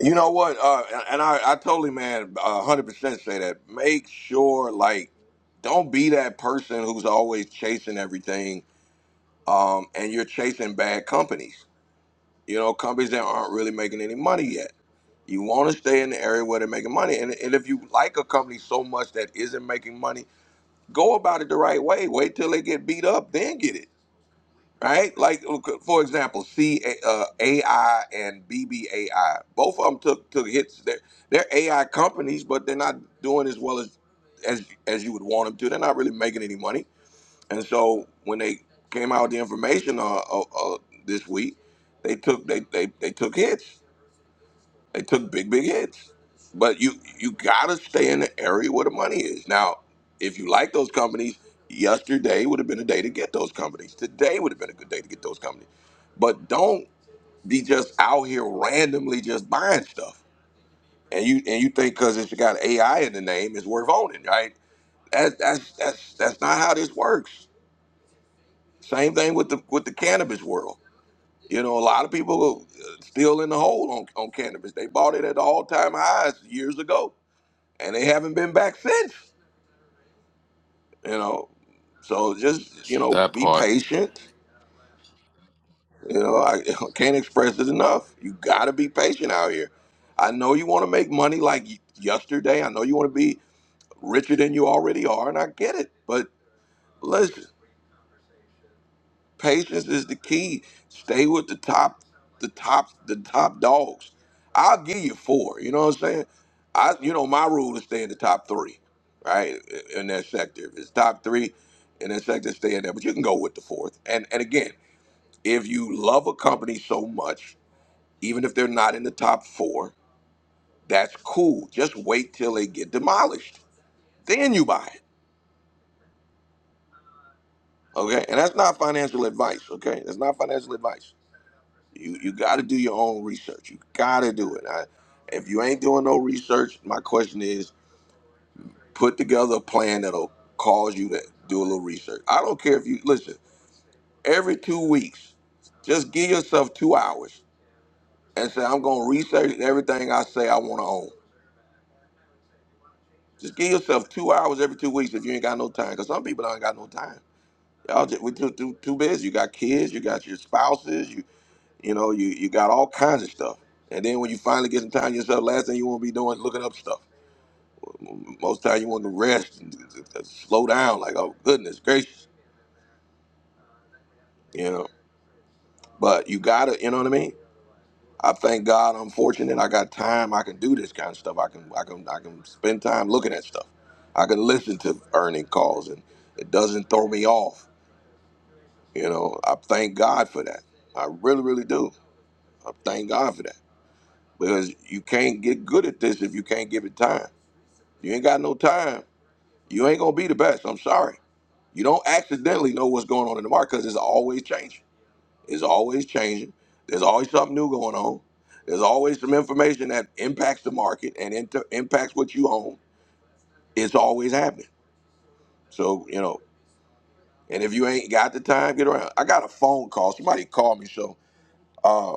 S1: You know what? Uh, and I, I totally, man, uh, hundred percent say that. Make sure, like, don't be that person who's always chasing everything, um, and you're chasing bad companies You know, companies that aren't really making any money yet. You want to stay in the area where they're making money. And, and if you like a company so much that isn't making money, go about it the right way. Wait till they get beat up, then get it. Right? Like, for example, C uh, A I and BBAI. Both of them took, took hits. They're, they're AI companies, but they're not doing as well as, as, as you would want them to. They're not really making any money and so when they came out with the information uh, uh, uh, this week, they took they, they they took hits. They took big big hits. But you you gotta stay in the area where the money is. Now, if you like those companies, yesterday would have been a day to get those companies. Today would have been a good day to get those companies. But don't be just out here randomly just buying stuff. And you and you think because it's got AI in the name, it's worth owning, right? That, that's that's that's not how this works Same thing with the with the cannabis world. You know, a lot of people are still in the hole on, on cannabis. They bought it at the all time highs years ago, and they haven't been back since. You know, so just you know,
S4: That
S1: be
S4: part.
S1: patient. You know, I can't express it enough. You got to be patient out here. I know you want to make money like y- yesterday. I know you want to be richer than you already are, and I get it. But listen. Patience is the key. Stay with the top, the top, the top dogs. I'll give you four. You know what I'm saying? I, you know, my rule is stay in the top three, right? In that sector, if it's top three in that sector, stay in there. But you can go with the fourth. And and again, if you love a company so much, even if they're not in the top four, that's cool. Just wait till they get demolished, then you buy it. Okay, and that's not financial advice. Okay, that's not financial advice. You you got to do your own research. You got to do it. I, if you ain't doing no research, my question is, put together a plan that'll cause you to do a little research. I don't care if you listen every two weeks. Just give yourself two hours and say I'm gonna research everything I say I want to own. Just give yourself two hours every two weeks if you ain't got no time. Cause some people don't got no time. Y'all just we too too too busy. You got kids. You got your spouses. You know, you, you got all kinds of stuff. And then when you finally get some time to yourself, last thing you want to be doing is looking up stuff. Most time you want to rest and slow down, like, oh, goodness gracious, you know. But you got to, you know what I mean? I thank God I'm fortunate. I got time. I can do this kind of stuff. I can, I can, I can spend time looking at stuff. I can listen to earning calls and it doesn't throw me off. You know, I thank God for that. I really, really do. I thank God for that because you can't get good at this if you can't give it time You ain't got no time. You ain't gonna be the best. I'm sorry. You don't accidentally know what's going on in the market because it's always changing. It's always changing. There's always something new going on. There's always some information that impacts the market and inter- impacts what you own. It's always happening. So you know, and if you ain't got the time, get around. I got a phone call. Somebody called me. So uh,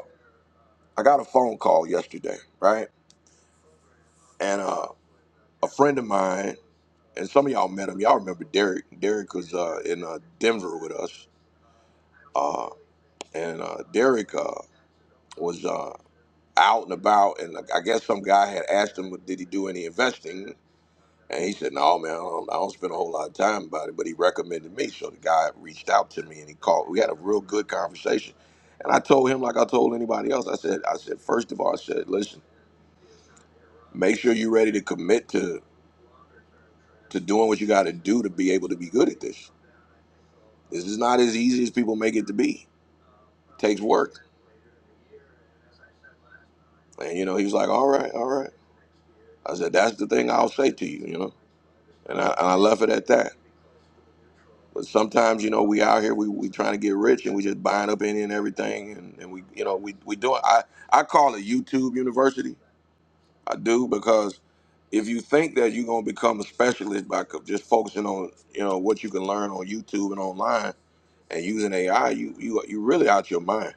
S1: I got a phone call yesterday, right? And uh, a friend of mine, and some of y'all met him. Y'all remember Derek? Derek was uh, in uh, Denver with us uh, and uh, Derek uh, was uh, out and about, and like, I guess some guy had asked him, "Did he do any investing?" And he said, "No, man, I don't, I don't spend a whole lot of time about it." But he recommended me, so the guy reached out to me and he called. We had a real good conversation, and I told him, like I told anybody else, I said, "I said first of all, I said, listen, make sure you're ready to commit to to doing what you got to do to be able to be good at this. This is not as easy as people make it to be. It takes work." And you know, he was like, "All right, all right." I said, that's the thing I'll say to you, you know. And I, and I left it at that. But sometimes, you know, we out here, we, we trying to get rich and we just buying up any and everything. And, and we, you know, we, we doing, I, I call it YouTube University. I do because if you think that you're going to become a specialist by co- just focusing on, you know, what you can learn on YouTube and online and using AI, you, you, you really out your mind.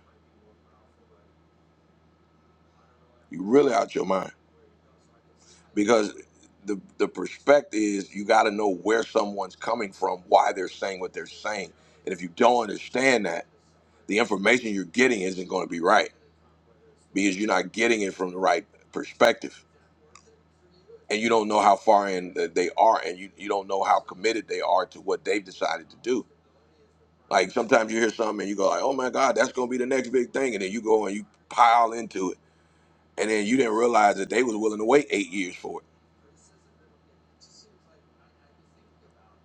S1: You really out your mind because the the perspective is you got to know where someone's coming from, why they're saying what they're saying, and if you don't understand that, the information you're getting isn't going to be right because you're not getting it from the right perspective, and you don't know how far in that they are, and you you don't know how committed they are to what they've decided to do. Like sometimes you hear something and you go like, "Oh my God, that's going to be the next big thing," and then you go and you pile into it, and then you didn't realize that they was willing to wait eight years for it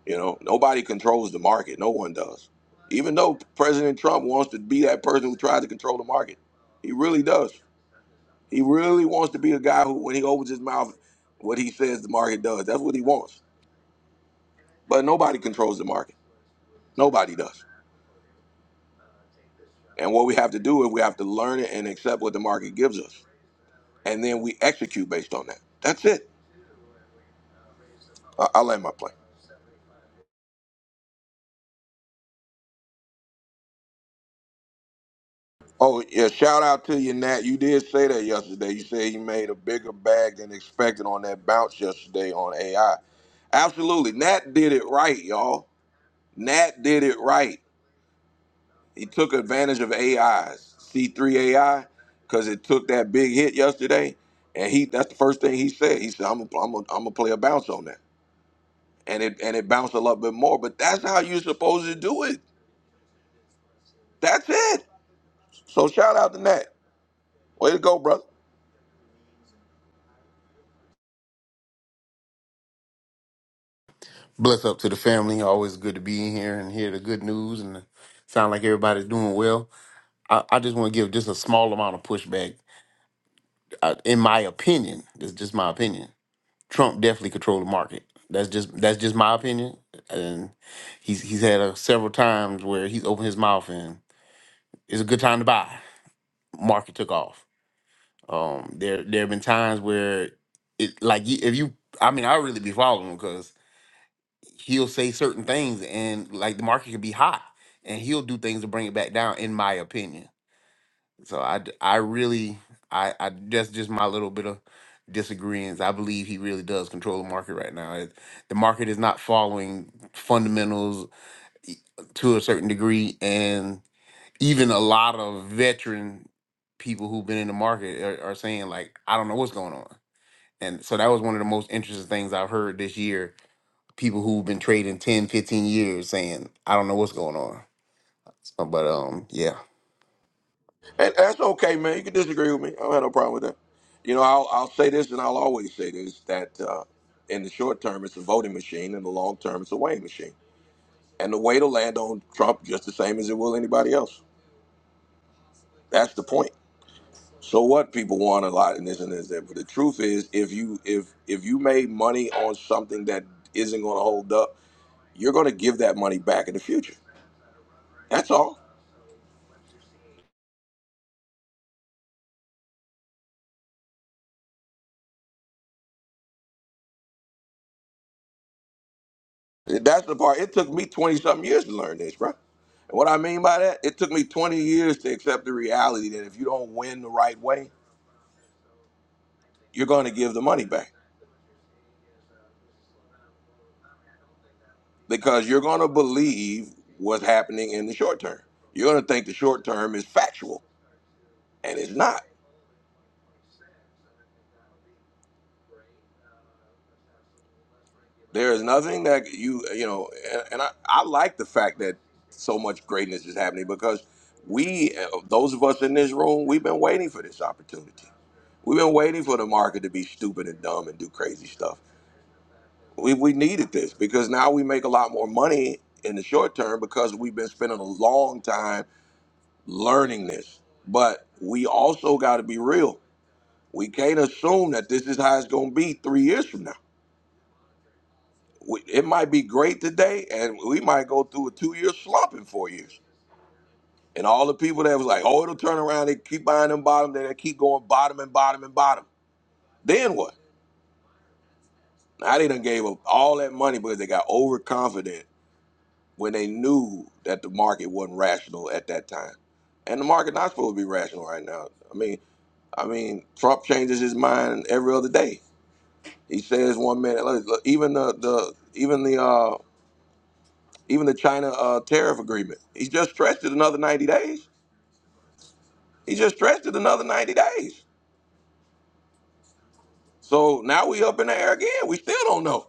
S1: You know, nobody controls the market. No one does. Even though President Trump wants to be that person who tries to control the market, he really does. He really wants to be a guy who, when he opens his mouth, what he says the market does. That's what he wants. But nobody controls the market. Nobody does. And what we have to do is we have to learn it and accept what the market gives us, and then we execute based on that. That's it. I- I'll land my plane. Oh yeah, shout out to you, Nat. You did say that yesterday. You said you made a bigger bag than expected on that bounce yesterday on AI. Absolutely. Nat did it right, y'all. Nat did it right. He took advantage of AIs, C3 AI, because it took that big hit yesterday. And he that's the first thing he said. He said, I'm gonna I'm gonna I'm gonna play a bounce on that. And it and it bounced a little bit more. But that's how you're supposed to do it. That's it. So shout out to Nat. Way to go, brother.
S9: Bless up to the family. Always good to be in here and hear the good news and sound like everybody's doing well. I, I just want to give just a small amount of pushback. Uh in my opinion, that's just my opinion. Trump definitely controlled the market. That's just that's just my opinion. And he's he's had uh several times where he's opened his mouth and it's a good time to buy. Market took off. Um, there there have been times where it like you- if you I mean I really be following him he'll say certain things and like the market could be hot and he'll do things to bring it back down in my opinion so i d- I really i i that's just my little bit of disagreements i believe he really does control the market right now It- the market is not following fundamentals e- to a certain degree and even a lot of veteran people who've been in the market are, are saying like i don't know what's going on and so that was one of the most interesting things i've heard this year people who've been trading 10, 15 years saying, I don't know what's going on. So, but um, yeah.
S1: And that's okay, man. You can disagree with me. I don't have no problem with that. You know, I'll, I'll say this and I'll always say this that uh, in the short term, it's a voting machine. In the long term, it's a weighing machine. And the weight will land on Trump just the same as it will anybody else. That's the point. So what people want a lot in this and this, that. But the truth is, if you if if you made money on something that isn't going to hold up, you're going to give that money back in the future. That's all. That's the part. It took me 20 something years to learn this, bro. And what I mean by that, it took me 20 years to accept the reality that if you don't win the right way, you're going to give the money back because you're going to believe what's happening in the short term. You're going to think the short term is factual, and it's not. There is nothing that you you know, and, and I, I like the fact that so much greatness is happening because we, uh, those of us in this room, we've been waiting for this opportunity. We've been waiting for the market to be stupid and dumb and do crazy stuff. We we needed this because now we make a lot more money in the short term because we've been spending a long time learning this. But we also got to be real. We can't assume that this is how it's going to be three years from now we- it might be great today, and we might go through a two-year slump in four years. And all the people that was like, oh, it'll turn around, they keep buying them bottom, then they keep going bottom and bottom and bottom. Then what? Now they done gave up all that money because they got overconfident when they knew that the market wasn't rational at that time. And the market not supposed to be rational right now. I mean, I mean, Trump changes his mind every other day. He says one minute, look, look, even the, the even the uh, even the China uh, tariff agreement. He just stretched it another 90 days. He just stretched it another 90 days. So now we up in the air again. We still don't know.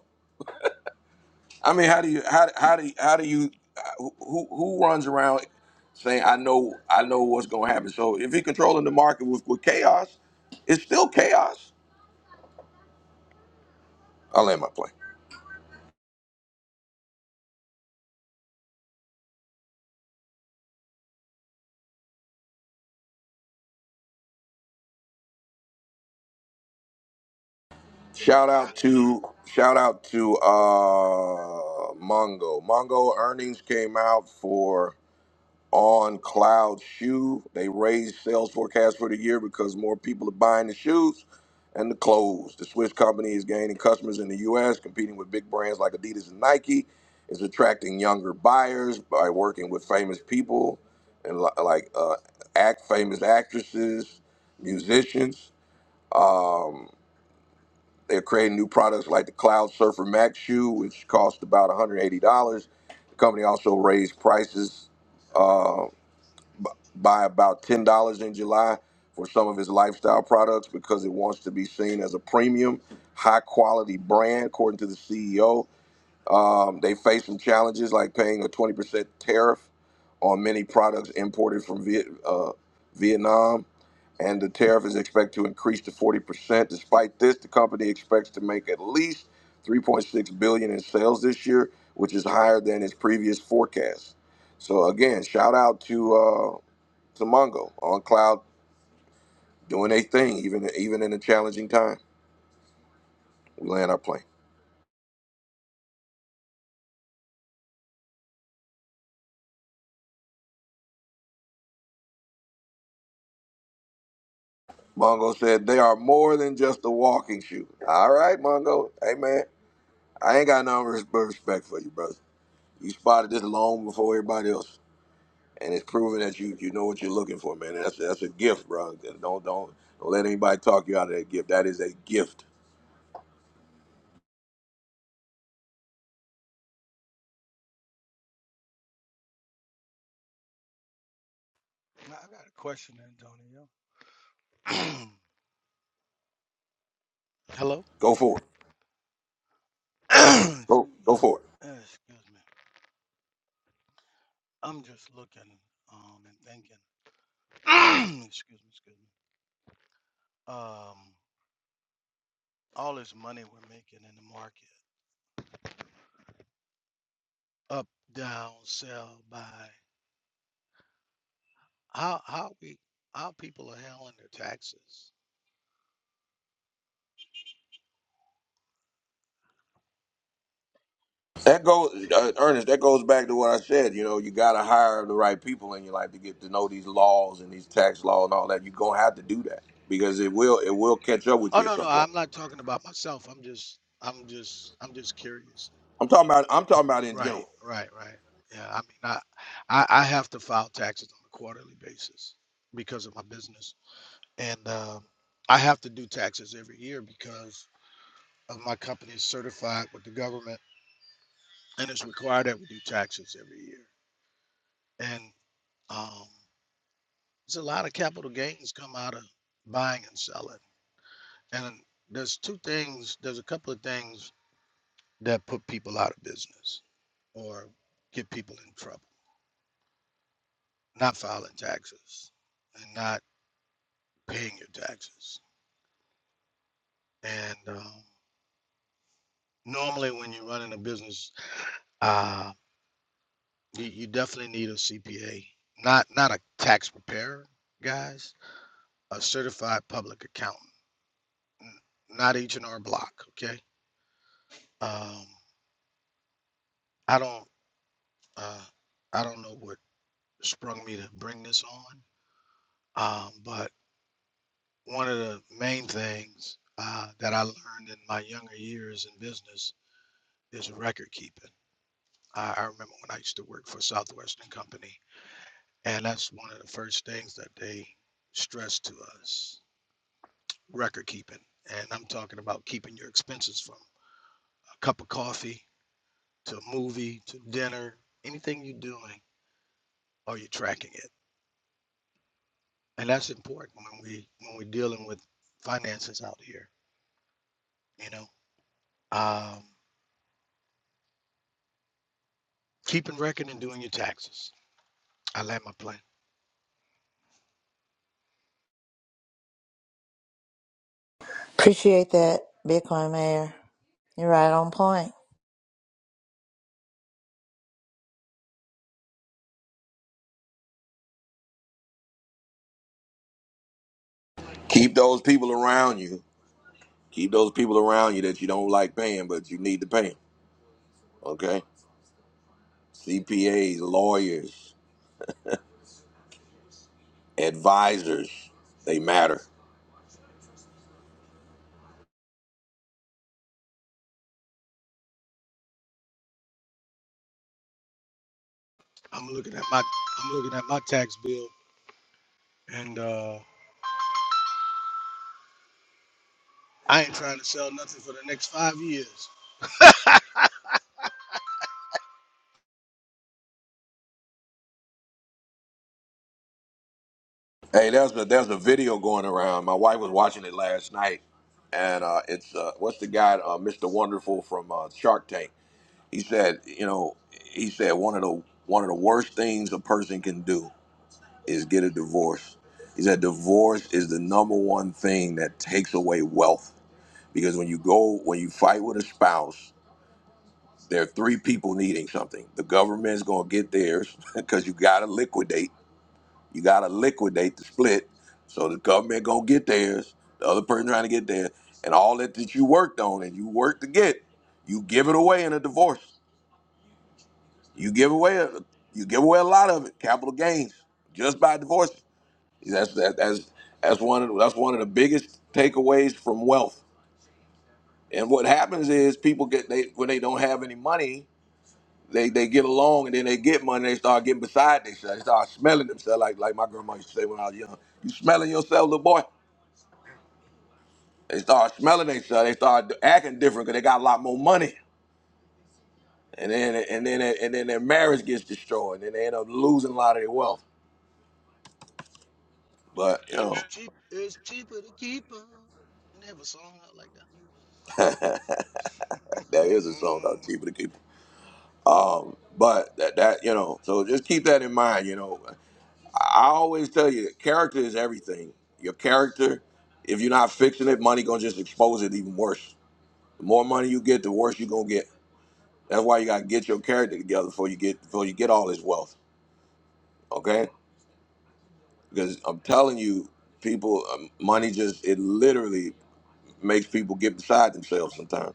S1: I mean, how do you how how do you, how do you who who who runs around saying I know I know what's going to happen? So if he's controlling the market with, with chaos, it's still chaos. I'll land my plane. Shout
S10: I, I,
S1: out to shout out to uh Mongo. Mongo earnings came out for on Cloud Shoe. They raised sales forecast for the year because more people are buying the shoes and the clothes. The Swiss company is gaining customers in the U.S., competing with big brands like Adidas and Nike. It's attracting younger buyers by working with famous people and li- like uh, act famous actresses, musicians. Um, they're creating new products like the Cloud Surfer Max shoe, which cost about $180. The company also raised prices um, by about ten dollars in July for some of his lifestyle products because it wants to be seen as a premium, high quality brand, according to the CEO. Um, they face some challenges like paying a twenty percent tariff on many products imported from Viet, uh, Vietnam, and the tariff is expected to increase to forty percent. Despite this, the company expects to make at least three point six billion in sales this year, which is higher than its previous forecast. So again, shout out to. Uh, to Mongo on cloud doing a thing, even even in a challenging time. We land our plane. Mongo said they are more than just a walking shoe. All right, Mongo. Hey man, I ain't got no respect for you, brother. You spotted this long before everybody else, and it's proven that you you know what you're looking for, man. And that's that's a gift, bro. Don't don't don't let anybody talk you out of that gift. That is a gift.
S10: I got a question, Antonio. Hello?
S1: Go for it.
S10: Ex-
S1: Go
S10: uh,
S1: go for it.
S10: excuse me. I'm just looking um, and thinking. excuse me, excuse me. Um, all this money we're making in the market, up, down, sell, buy. How how we how people are handling their taxes?
S1: That goes, uh, Ernest. That goes back to what I said. You know, you got to hire the right people in your life to get to know these laws and these tax law and all that. You're gonna have to do that because it will it will catch up with
S10: Oh
S1: you at
S10: no
S1: some
S10: no,
S1: point.
S10: I'm not talking about myself. I'm just I'm just I'm just curious
S1: I'm talking about I'm talking about in
S10: Right,
S1: general.
S10: right, right. Yeah, I mean, I, I, I have to file taxes on a quarterly basis because of my business, and uh, I have to do taxes every year because of my company is certified with the government, and it's required that we do taxes every year. And um, there's a lot of capital gains come out of buying and selling, and there's two things. There's a couple of things that put people out of business or get people in trouble: not filing taxes and not paying your taxes. And um, normally, when you're running a business, uh, you, you definitely need a CPA, not not a tax preparer, guys, a certified public accountant, n- not H and R Block. Okay, um, I don't uh, I don't know what sprung me to bring this on, um, but one of the main things uh, that I learned in my younger years in business is record keeping. I, I remember when I used to work for Southwestern Company And that's one of the first things that they stress to us record keeping. And I'm talking about keeping your expenses from a cup of coffee to a movie to dinner, anything you're doing, are you tracking it? And that's important when we when we're dealing with finances out here, you know. Um, keeping record and doing your taxes. I land my plane.
S2: Appreciate that, Bitcoin Mayor. You're right on point.
S1: Keep those people around you. Keep those people around you that you don't like paying, but you need to pay them. Okay, CPAs, lawyers, advisors, they matter.
S10: I'm looking at my I'm looking at my tax bill and uh, I ain't trying to sell nothing for the next five years.
S1: Hey, there's a there's a video going around. My wife was watching it last night, and uh, it's uh, what's the guy, uh, Mr. Wonderful from uh, Shark Tank. He said, you know, he said one of the one of the worst things a person can do is get a divorce. He said divorce is the number one thing that takes away wealth because when you go when you fight with a spouse, there are three people needing something. The government's gonna get theirs because you gotta liquidate. You gotta liquidate the split so the government gonna get theirs, the other person trying to get theirs, and all that that you worked on and you worked to get, you give it away in a divorce. You give away a, you give away a lot of it, capital gains, just by divorce. That's that, that's that's one of the, that's one of the biggest takeaways from wealth. And what happens is people get they when they don't have any money, they they get along and then they get money. They start getting beside themselves. They start smelling themselves like like my grandma used to say when I was young. You smelling yourself, little boy? They start smelling themselves. They start acting different because they got a lot more money. And then and then and then their marriage gets destroyed. And they end up losing a lot of their wealth. But you know,
S10: It's cheap. It's cheaper to keep her. And they have a song out like
S1: that is a song about
S10: that.
S1: keeping the keeper. Um, but that that you know, so just keep that in mind. You know, I I always tell you, character is everything. Your character. If you're not fixing it, money gonna just expose it even worse. The more money you get, the worse you gonna get. That's why you gotta get your character together before you get before you get all this wealth. Okay because I'm telling you, people, um, money just it literally makes people get beside themselves sometimes.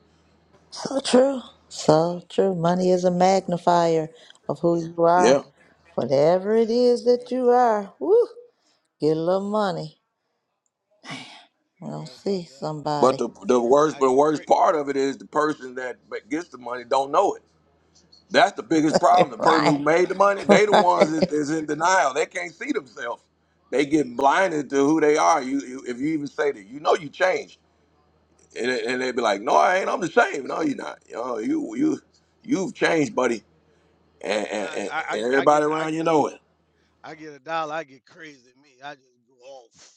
S2: So true. So true. Money is a magnifier of who you
S1: Yeah,
S2: are. Whatever it
S10: Yeah,
S2: is
S10: you're
S2: that
S10: right.
S2: you are, woo,
S10: You
S2: get a little
S10: ain't
S2: money.
S10: lying.
S2: We're
S10: You're
S2: going to
S10: right about
S2: see
S10: that.
S1: but
S2: somebody.
S1: the the worst,
S10: I
S1: but the
S10: get
S1: worst
S10: crazy.
S1: part of it is the person that ma- gets the money don't know it. That's the biggest problem. The person who
S2: right.
S1: made the money, they the ones that
S2: Right.
S1: is in denial. They can't see themselves. They get
S10: Yep.
S1: blinded to who they are. You, you if you even say that, you know you changed, and, and they be like, "No, I ain't. I'm the same. No, you're not. You know, you you you've changed, buddy,
S10: You
S1: and,
S10: ain't
S1: and,
S10: lying.
S1: and
S10: I,
S1: and
S10: I I
S1: everybody
S10: get a I
S1: around you
S10: get a
S1: know it."
S10: I get a dollar. I get crazy. Me, I just go off.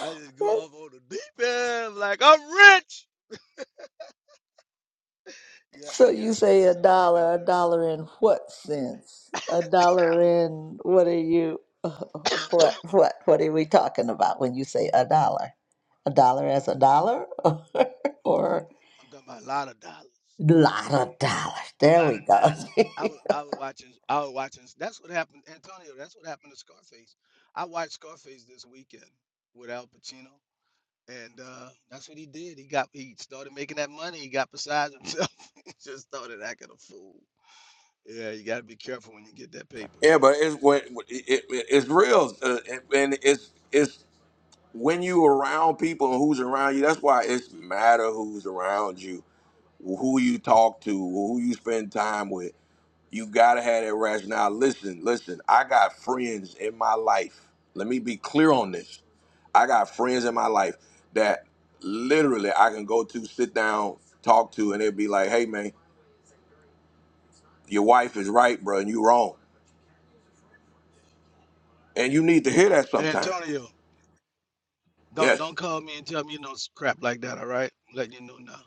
S10: I just go off on the deep end. Like I'm rich. Yep.
S2: So
S10: You
S2: you
S10: gotta bring
S2: say a
S10: yourself back down
S2: dollar. A
S10: to
S2: dollar in what sense? A
S10: earth.
S2: dollar in what are you?
S10: I don't know.
S2: What what what are we talking about when you say a dollar? A dollar as a dollar, or a
S10: I'm talking about a lot of dollars.
S2: lot of dollars. There
S10: lot of
S2: we go.
S10: dialogue. I was, I was watching, I was watching. That's what happened, Antonio. That's what happened to Scarface. I watched Scarface this weekend with Al Pacino, and uh, that's what he did. He got, he started making that money. He got beside himself. he just started acting a fool. Yeah, you got to be careful when you get that paper,
S1: Yeah,
S10: man.
S1: but it's when it, it, it's real, uh, and it's it's when you around people and who's around you. That's why it's matter who's around you, who you talk to, who you spend time with. You gotta have that rationale. Listen, listen. I got friends in my life. Let me be clear on this. I got friends in my life that literally I can go to, sit down, talk to, and they'll be like, "Hey, man, your wife is right, bro, and you wrong." And you need to hear that sometime.
S10: Antonio, don't
S1: Yes.
S10: don't call me and tell me you know s- crap like that. All right, let you know now.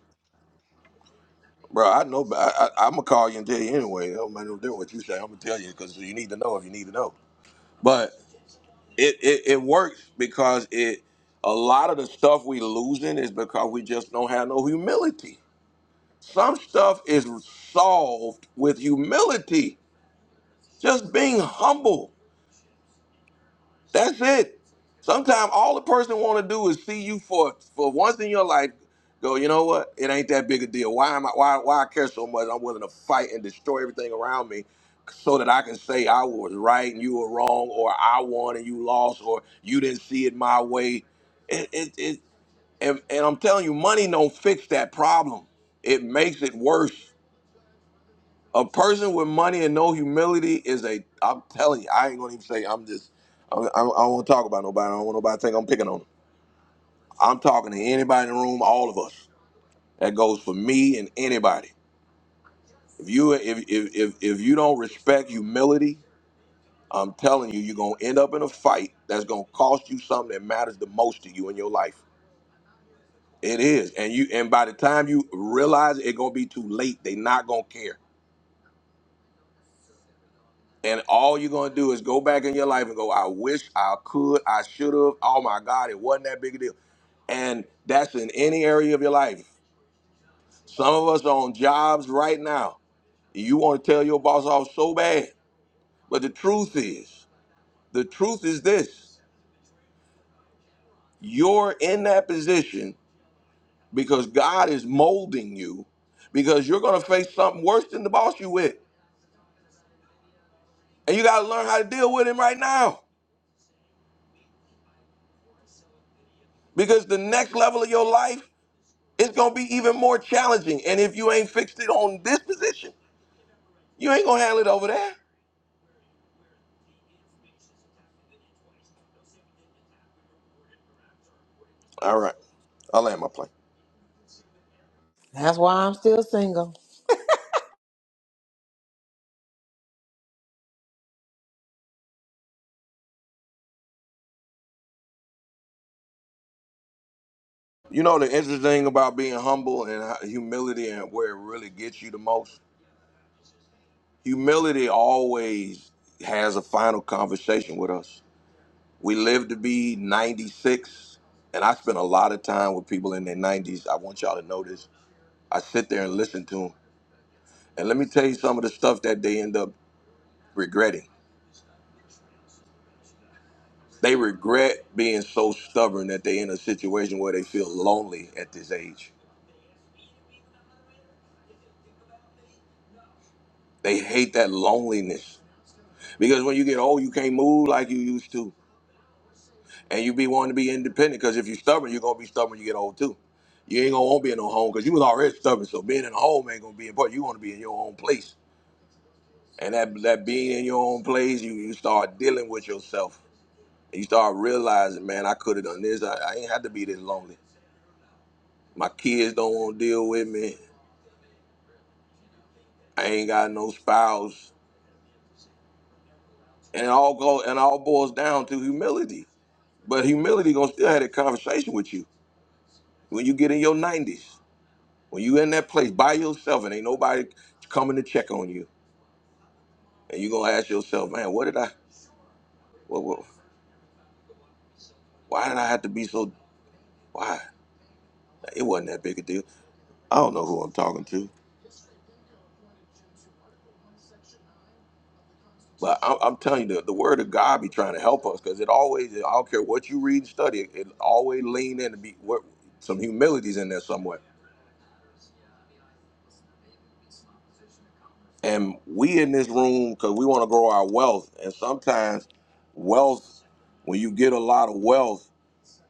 S1: Bro, I know, but I, I, I'm gonna call you and tell you anyway. It don't matter what you say. I'm gonna tell you because you need to know if you need to know. But it, it it works because it a lot of the stuff we losing is because we just don't have no humility. Some stuff is solved with humility, just being humble. That's it. Sometimes all the person want to do is see you for for once in your life. Go, you know what? It ain't that big a deal. Why am I? Why why I care so much? I'm willing to fight and destroy everything around me, so that I can say I was right and you were wrong, or I won and you lost, or you didn't see it my way. It it, it and, and I'm telling you, money don't fix that problem. It makes it worse. A person with money and no humility is a. I'm telling you, I ain't gonna even say. I'm just. I, I, I don't want to talk about nobody. I don't want nobody to think I'm picking on them. I'm talking to anybody in the room. All of us. That goes for me and anybody. If you if if if, if you don't respect humility, I'm telling you, you're gonna end up in a fight that's gonna cost you something that matters the most to you in your life. It is, and you and by the time you realize it, gonna be too late. They not gonna care. And all you're gonna do is go back in your life and go, I wish I could, I should have. Oh my God, it wasn't that big a deal. And that's in any area of your life. Some of us are on jobs right now. You want to tell your boss off so bad. But the truth is, the truth is this you're in that position because God is molding you, because you're going to face something worse than the boss you with. And you got to learn how to deal with him right now. Because the next level of your life it's gonna be even more challenging. And if you ain't fixed it on this position, you ain't gonna handle it over there. All right, I'll land my plane.
S6: That's why I'm still single.
S1: You know the interesting thing about being humble and how- humility and where it really gets you the most. Humility always has a final conversation with us. We live to be 96, and I spend a lot of time with people in their 90s. I want y'all to know this. I sit there and listen to them, and let me tell you some of the stuff that they end up regretting They regret being so stubborn that they're in a situation where they feel lonely at this age. They hate that loneliness because when you get old, you can't move like you used to, and you be wanting to be independent. Because if you're stubborn, you're gonna be stubborn. when You get old too. You ain't gonna want to be in no home because you was already stubborn. So being in a home ain't gonna be important. You want to be in your own place, and that that being in your own place, you you start dealing with yourself. And you start realizing, man, I could have done this. I, I ain't had to be this lonely. My kids don't want to deal with me. I ain't got no spouse. And it all go and all boils down to humility. But humility gonna still have that conversation with you when you get in your nineties, when you in that place by yourself and ain't nobody coming to check on you, and you gonna ask yourself, man, what did I, what, what, why did I have to be so? Why it wasn't that big a deal. I don't know who I'm talking to, but I'm, I'm telling you, the, the word of God be trying to help us because it always, I don't care what you read and study, it, it always lean in to be what, some humility's in there somewhere and we in this room because we want to grow our wealth and sometimes wealth when you get a lot of wealth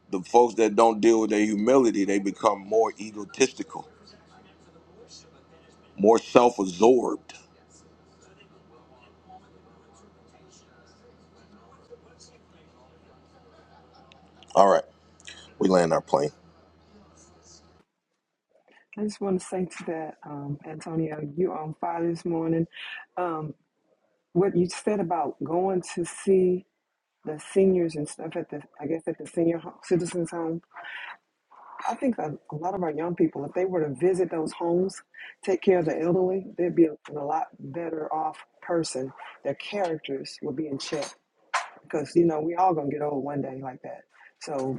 S1: the folks that don't deal with their humility they become more egotistical more self-absorbed all right we land our plane
S11: I just want to say to that, um, Antonio, you on fire this morning. Um, what you said about going to see the seniors and stuff at the, I guess at the senior ho- citizens home. I think a, a lot of our young people, if they were to visit those homes, take care of the elderly, they'd be a, a lot better off person. Their characters would be in check because you know we all gonna get old one day like that. So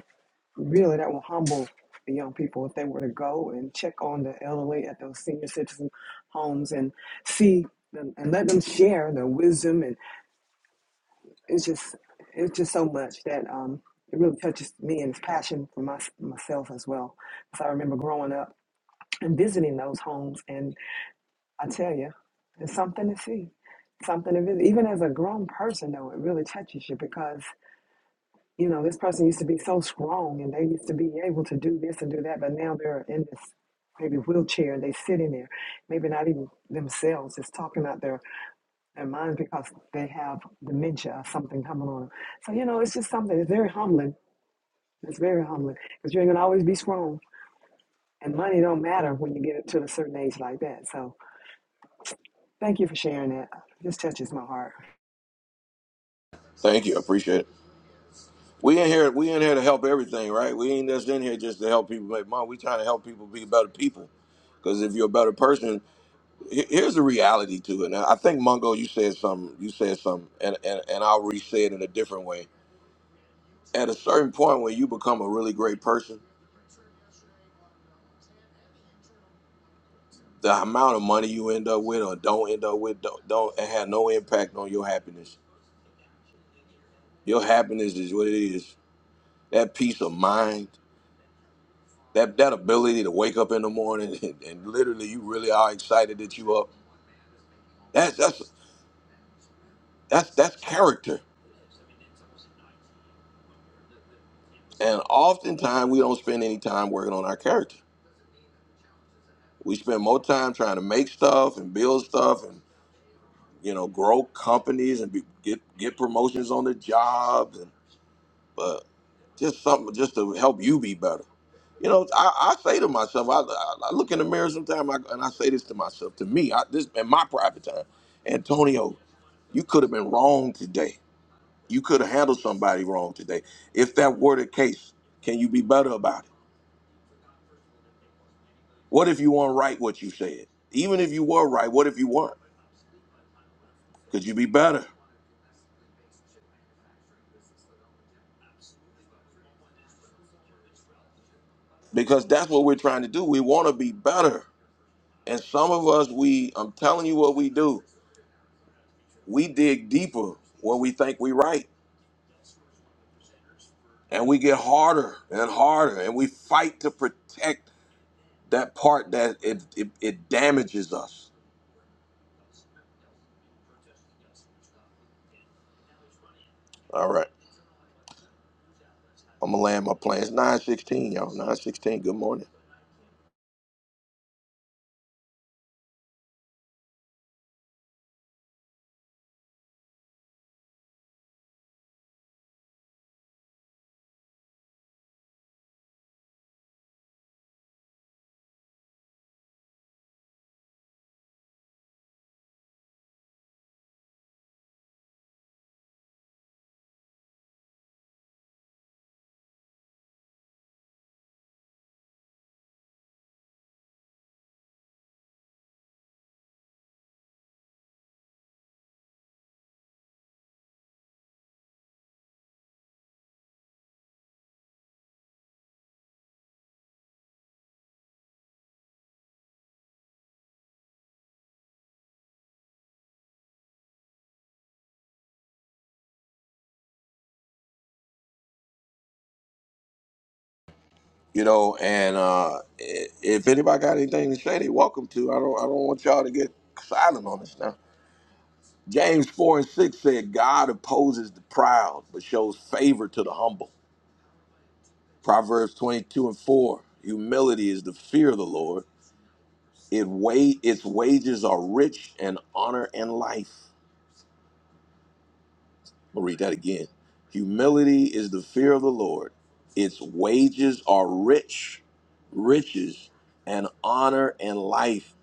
S11: really that will humble the young people if they were to go and check on the elderly at those senior citizen homes and see them and let them share their wisdom and it's just it's just so much that um it really touches me and it's passion for my, myself as well because i remember growing up and visiting those homes and i tell you it's something to see something to visit even as a grown person though it really touches you because you know, this person used to be so strong and they used to be able to do this and do that, but now they're in this maybe wheelchair and they sit in there, maybe not even themselves, just talking out their, their minds because they have dementia or something coming on So, you know, it's just something, it's very humbling. It's very humbling because you ain't going to always be strong. And money don't matter when you get to a certain age like that. So thank you for sharing that. This touches my heart.
S1: thank you I appreciate it we in here we in here to help everything right we ain't just in here just to help people make money we trying to help people be better people because if you're a better person he- here's the reality to it now i think mongo you said something you said something and, and, and i'll re-say it in a different way at a certain point when you become a really great person, the amount of money you end up with or don't end up with don't, don't it had no impact on your happiness. Your happiness is what it is. That peace of mind, that that ability to wake up in the morning and, and literally you really are excited that you up. That's that's that's that's character. And oftentimes we don't spend any time working on our character. We spend more time trying to make stuff and build stuff and you know grow companies and be, get get promotions on the job but just something just to help you be better. You know, I, I say to myself, I, I I look in the mirror sometimes I, and I say this to myself, to me, I, this in my private time, Antonio, you could have been wrong today. You could have handled somebody wrong today. If that were the case, can you be better about it? What if you weren't right what you said? Even if you were right, what if you weren't? Could you be better? Because that's what we're trying to do. We want to be better. And some of us, we, I'm telling you what we do. we dig deeper when we think we right and we get harder and harder and we fight to protect that part that it it, it damages us all right i'm gonna land my plane it's 916 y'all 916 good morning you know and uh i- if anybody got anything to say they welcome to i don't i don't want y'all to get silent on this now james 4 and 6 said god opposes the proud but shows favor to the humble proverbs 22 and 4 humility is the fear of the lord It wa- its wages are rich and honor and life. I'll read that again. Humility is the fear of the Lord. Its wages are rich, riches, and honor and life.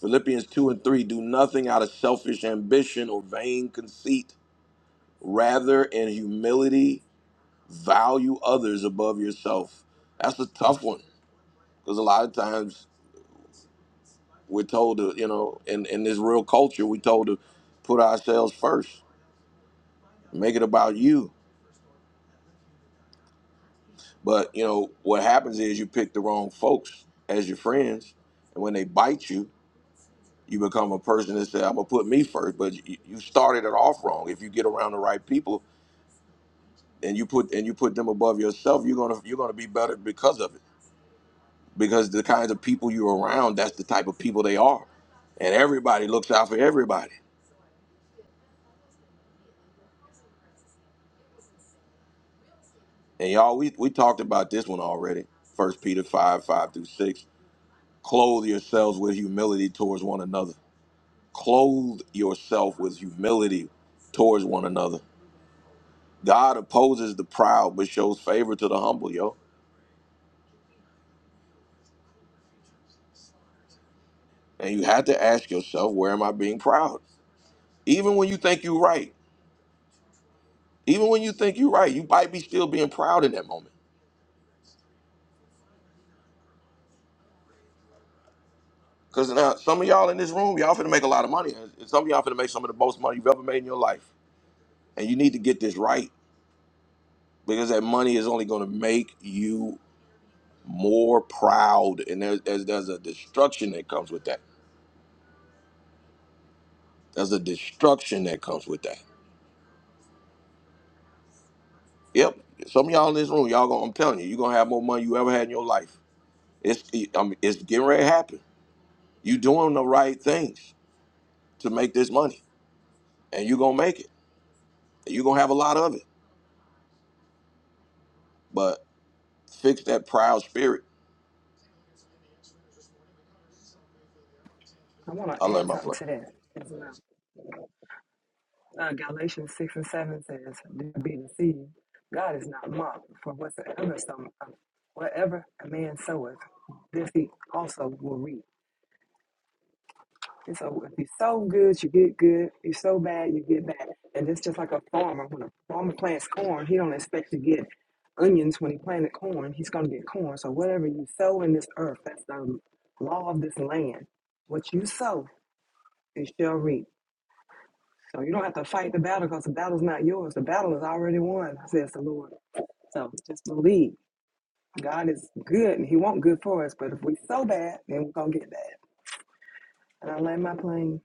S1: Philippians 2 and 3 do nothing out of selfish ambition or vain conceit. Rather, in humility, value others above yourself. That's a tough one because a lot of times we're told to, you know, in, in this real culture, we're told to put ourselves first Make it about you. But you know what happens is you pick the wrong folks as your friends, and when they bite you, you become a person that says, "I'm gonna put me first. But you, you started it off wrong. If you get around the right people and you put and you put them above yourself, you're gonna you're gonna be better because of it. Because the kinds of people you're around, that's the type of people they are, and everybody looks out for everybody. And y'all, we we talked about this one already. First Peter five five through six. Clothe yourselves with humility towards one another Clothe yourself with humility towards one another. God opposes the proud but shows favor to the humble, yo. And you have to ask yourself, where am I being proud? Even when you think you're right, even when you think you're right, you might be still being proud in that moment. Because now some of y'all in this room, y'all finna make a lot of money. And some of y'all finna make some of the most money you've ever made in your life. And you need to get this right because that money is only gonna make you more proud. And there's, there's, there's a destruction that comes with that. There's a destruction that comes with that. Yep. Some of y'all in this room, y'all gonna, I'm telling you, you're gonna have more money you ever had in your life. It's it, I mean, it's getting ready to happen. You doing the right things to make this money. And you're gonna make it. you're gonna have a lot of it. But fix that proud spirit.
S11: I want
S1: I
S11: to
S1: learned
S11: add
S1: my
S11: something
S1: play.
S11: to that as well. Uh, Galatians 6 and 7 says, Do not be deceived. God is not mocked, for whatsoever, some, uh, whatever a man soweth, this he also will reap. And so if you sow good, you get good. You sow bad, you get bad. And it's just like a farmer. When a farmer plants corn, he don't expect to get onions when he planted corn. He's going to get corn. So whatever you sow in this earth, that's the law of this land. What you sow, it shall reap. So you don't have to fight the battle because the battle's not yours. The battle is already won, says the Lord. So just believe. God is good and He wants good for us. But if we so bad, then we're gonna get bad. And I land my plane.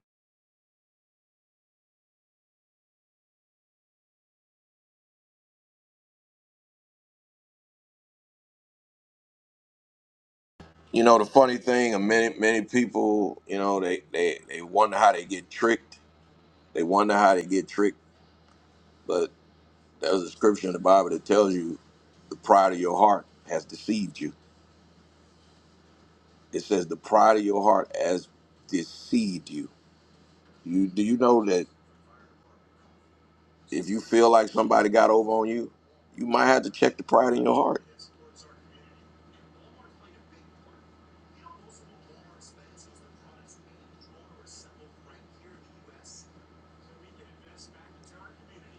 S1: You know, the funny thing, and many many people, you know, they, they, they wonder how they get tricked. They wonder how they get tricked. But there's a scripture in the Bible that tells you the pride of your heart has deceived you It says the pride of your heart has deceived you. You do you know that if you feel like somebody got over on you, you might have to check the pride in your heart.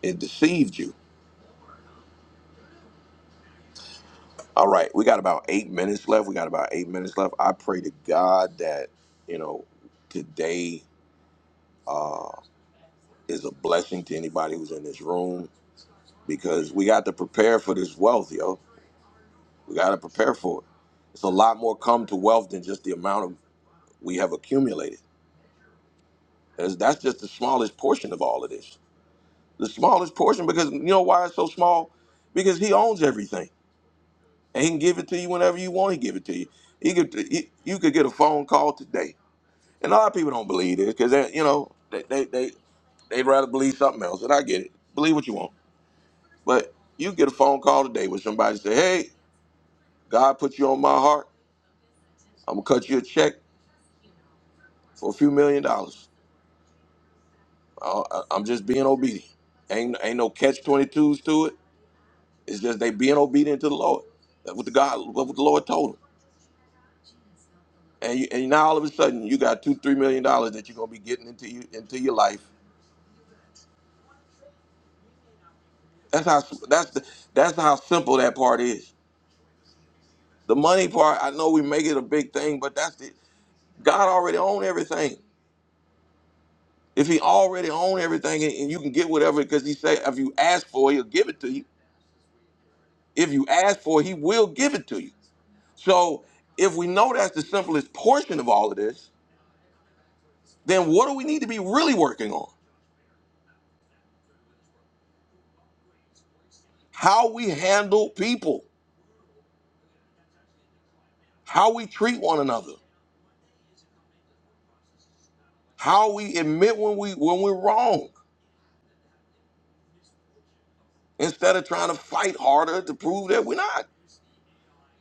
S1: It deceived you. All right, we got about eight minutes left. We got about eight minutes left. I pray to God that you know today uh, is a blessing to anybody who's in this room. because we got to prepare for this wealth, yo. We got to prepare for it. It's a lot more come to wealth than just the amount of we have accumulated. as that's just the smallest portion of all of this. The smallest portion because you know why it's so small? Because he owns everything and he can give it to you whenever you want. He give it to you. He could he, you could get a phone call today, and a lot of people don't believe this because they, you know they they they they'd rather believe something else. And I get it. Believe what you want, but you get a phone call today where somebody say, "Hey, God put you on my heart." I'm gonna cut you a check for a few million dollars. Uh, I- I'm just being obedient. Ain't ain't no catch twenty twos to it. It's just they being obedient to the Lord. That's what the God, what the Lord told them. And you, and now all of a sudden you got two three million dollars that you're gonna be getting into you into your life. That's how that's the, that's how simple that part is. The money part, I know we make it a big thing, but that's the God already own everything. If He already own everything, and, and you can get whatever because He say if you ask for, it, He'll give it to you If you ask for it, he will give it to you. So if we know that's the simplest portion of all of this, then what do we need to be really working on? How we handle people, how we treat one another, how we admit when we when we're wrong, instead of trying to fight harder to prove that we're not.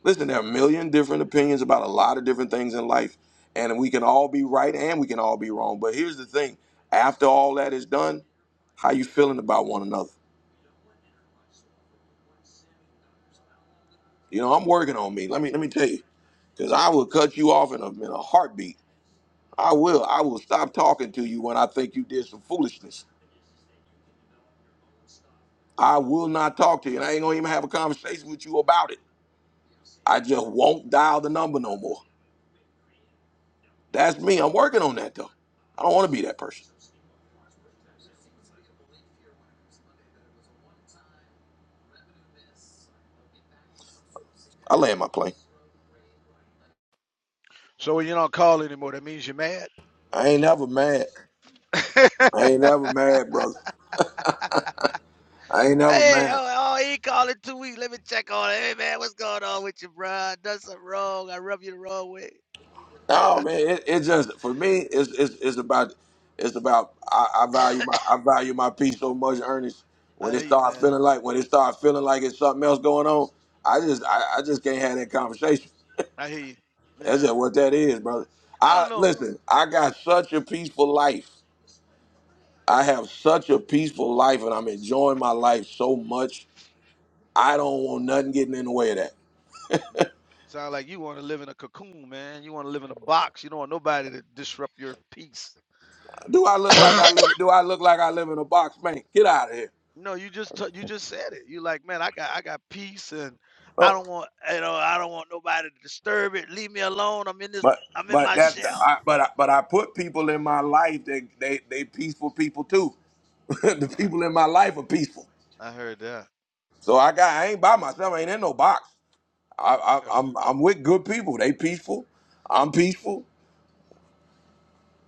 S1: Listen, there are a million different opinions about a lot of different things in life. And we can all be right and we can all be wrong. But here's the thing after all that is done, how you feeling about one another? You know, I'm working on me. Let me let me tell you, because I will cut you off in a in a heartbeat. I will. I will stop talking to you when I think you did some foolishness. I will not talk to you, and I ain't gonna even have a conversation with you about it. I just won't dial the number no more. That's me. I'm working on that though. I don't want to be that person. I land my plane.
S10: So when you don't call anymore, that means you're mad.
S1: I ain't never mad. I ain't never mad, brother. I ain't never
S10: Hey,
S1: mad.
S10: oh, oh, he called in two weeks. Let me check on it. Hey, man, what's going on with you, bro? I done something wrong. I rub you the wrong way.
S1: No man, it, it just for me, it's it's it's about it's about I, I value my I value my peace so much, Ernest.
S10: I
S1: When it
S10: hear you,
S1: start
S10: man.
S1: feeling like when it start feeling like it's something else going on, I just
S10: hmm
S1: I, I just can't have that conversation.
S10: I hear you.
S1: That's
S10: Yeah.
S1: just what that is, brother.
S10: I
S1: I
S10: don't know. m-
S1: listen, I got such a peaceful life. I have such a peaceful life and I'm enjoying my life so much. I don't want nothing getting in the way of that.
S10: Sound like you want to live in a cocoon, man. You want to live in a box. You don't want nobody to disrupt your peace.
S1: Do I look like I live do I look like I live in a box, man? Get out of here.
S10: No, you just t- you just said it. You like, man, I got I got peace, and I
S1: Oh,
S10: don't want you know I don't want nobody to disturb it. Leave me alone. I'm in this.
S1: But
S10: I'm in
S1: but
S10: my
S1: that
S10: shell.
S1: I, but I, but I put people in my life that they they peaceful people too. the
S10: Uh,
S1: people in my life are peaceful.
S10: I heard that.
S1: So I got I ain't by myself. I ain't in no box. I,
S10: Okay.
S1: I, I'm I'm with good people. They peaceful. I'm peaceful.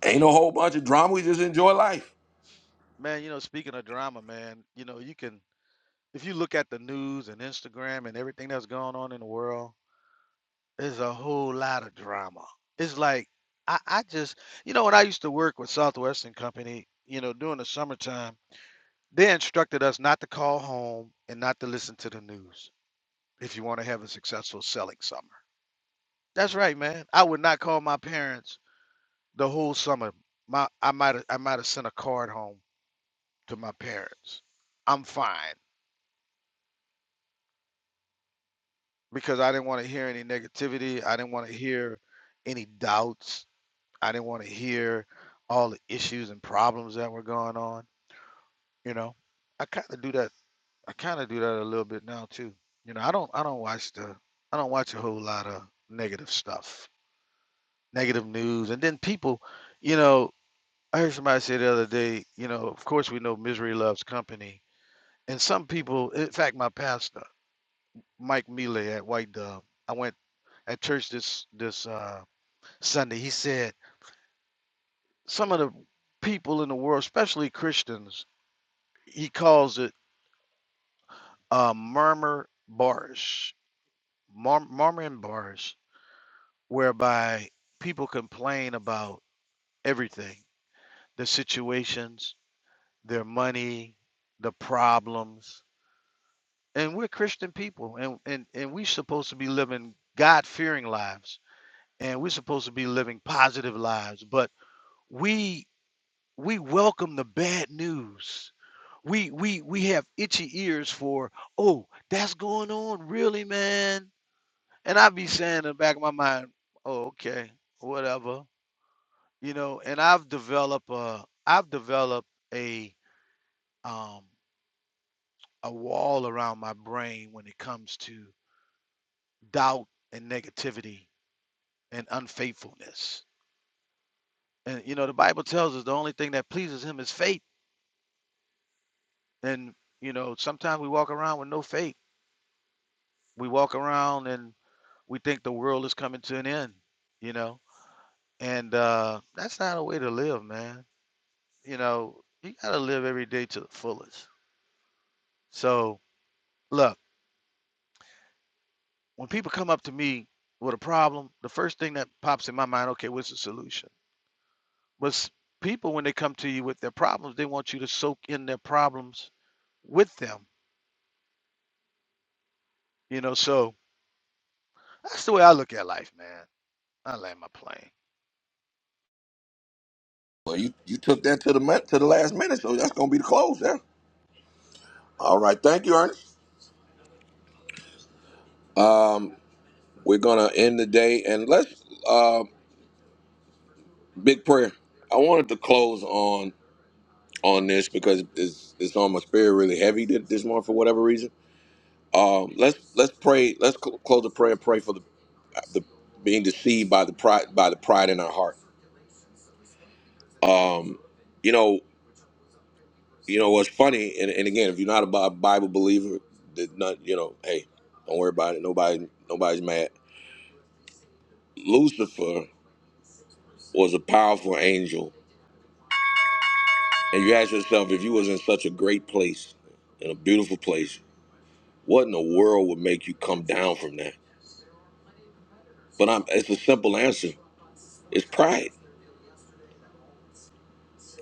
S1: Ain't no whole bunch of drama. We just enjoy life.
S10: Man, you know, speaking of drama, man, you know, you can if you look at the news and Instagram and everything that's going on in the world, there's a whole lot of drama. It's like I, I just you know when I used to work with Southwestern Company, you know, during the summertime, they instructed us not to call home and not to listen to the news if you want to have a successful selling summer. That's right, man. I would not call my parents the whole summer. My I might I might have sent a card home to my parents. I'm fine. because I didn't want to hear any negativity. I didn't want to hear any doubts. I didn't want to hear all the issues and problems that were going on. You know, I kind of do that. I kind of do that a little bit now too. You know, I don't. I don't watch the. I don't watch a whole lot of negative stuff, negative news, and then people. You know, I heard somebody say the other day. You know, of course we know misery loves company, and some people. In fact, my pastor, Mike Mealy at White Dove. I went at church this this uh Sunday. He said some of the people in the world, especially Christians, he calls it a murmur barish, mur- murmur and barish, whereby people complain about everything, their situations, their money, the problems. And we're Christian people, and, and, and we're supposed to be living God fearing lives, and we're supposed to be living positive lives. But we We welcome the bad news. We we we have itchy ears for, oh, that's going on, really, man. And I be saying in the back of my mind, oh, okay, whatever. You know, and I've developed a I've developed a um a wall around my brain when it comes to doubt and negativity and unfaithfulness. And you know, the Bible tells us the only thing that pleases him is faith. And you know, sometimes we walk around with no faith we walk around and we think the world is coming to an end, you know? And uh, that's not a way to live, man. You know, you got to live every day to the fullest. So, look, when people come up to me with a problem, the first thing that pops in my mind, okay, what's the solution? But s- people, when they come to you with their problems, they want you to soak in their problems with them, you know? So that's the way I look at life, man. I land my plane.
S1: Well, you you took that to the min- to the last minute, so that's gonna be the close there. All right, thank you, Ernest. We're gonna end the day and let's uh big prayer. I wanted to close on. on this because it's it's on my spirit really heavy th- this morning for whatever reason. Um, let's let's pray. Let's cl- close the prayer. and Pray for the the being deceived by the pride by the pride in our heart. Um, you know, you know what's funny, and, and again, if you're not a Bi- Bible believer, that not you know, hey, don't worry about it. Nobody nobody's mad. Lucifer was a powerful angel, and you ask yourself if you was in such a great place, in a beautiful place, what in the world would make you come down from that? But I'm, it's a simple answer. It's pride.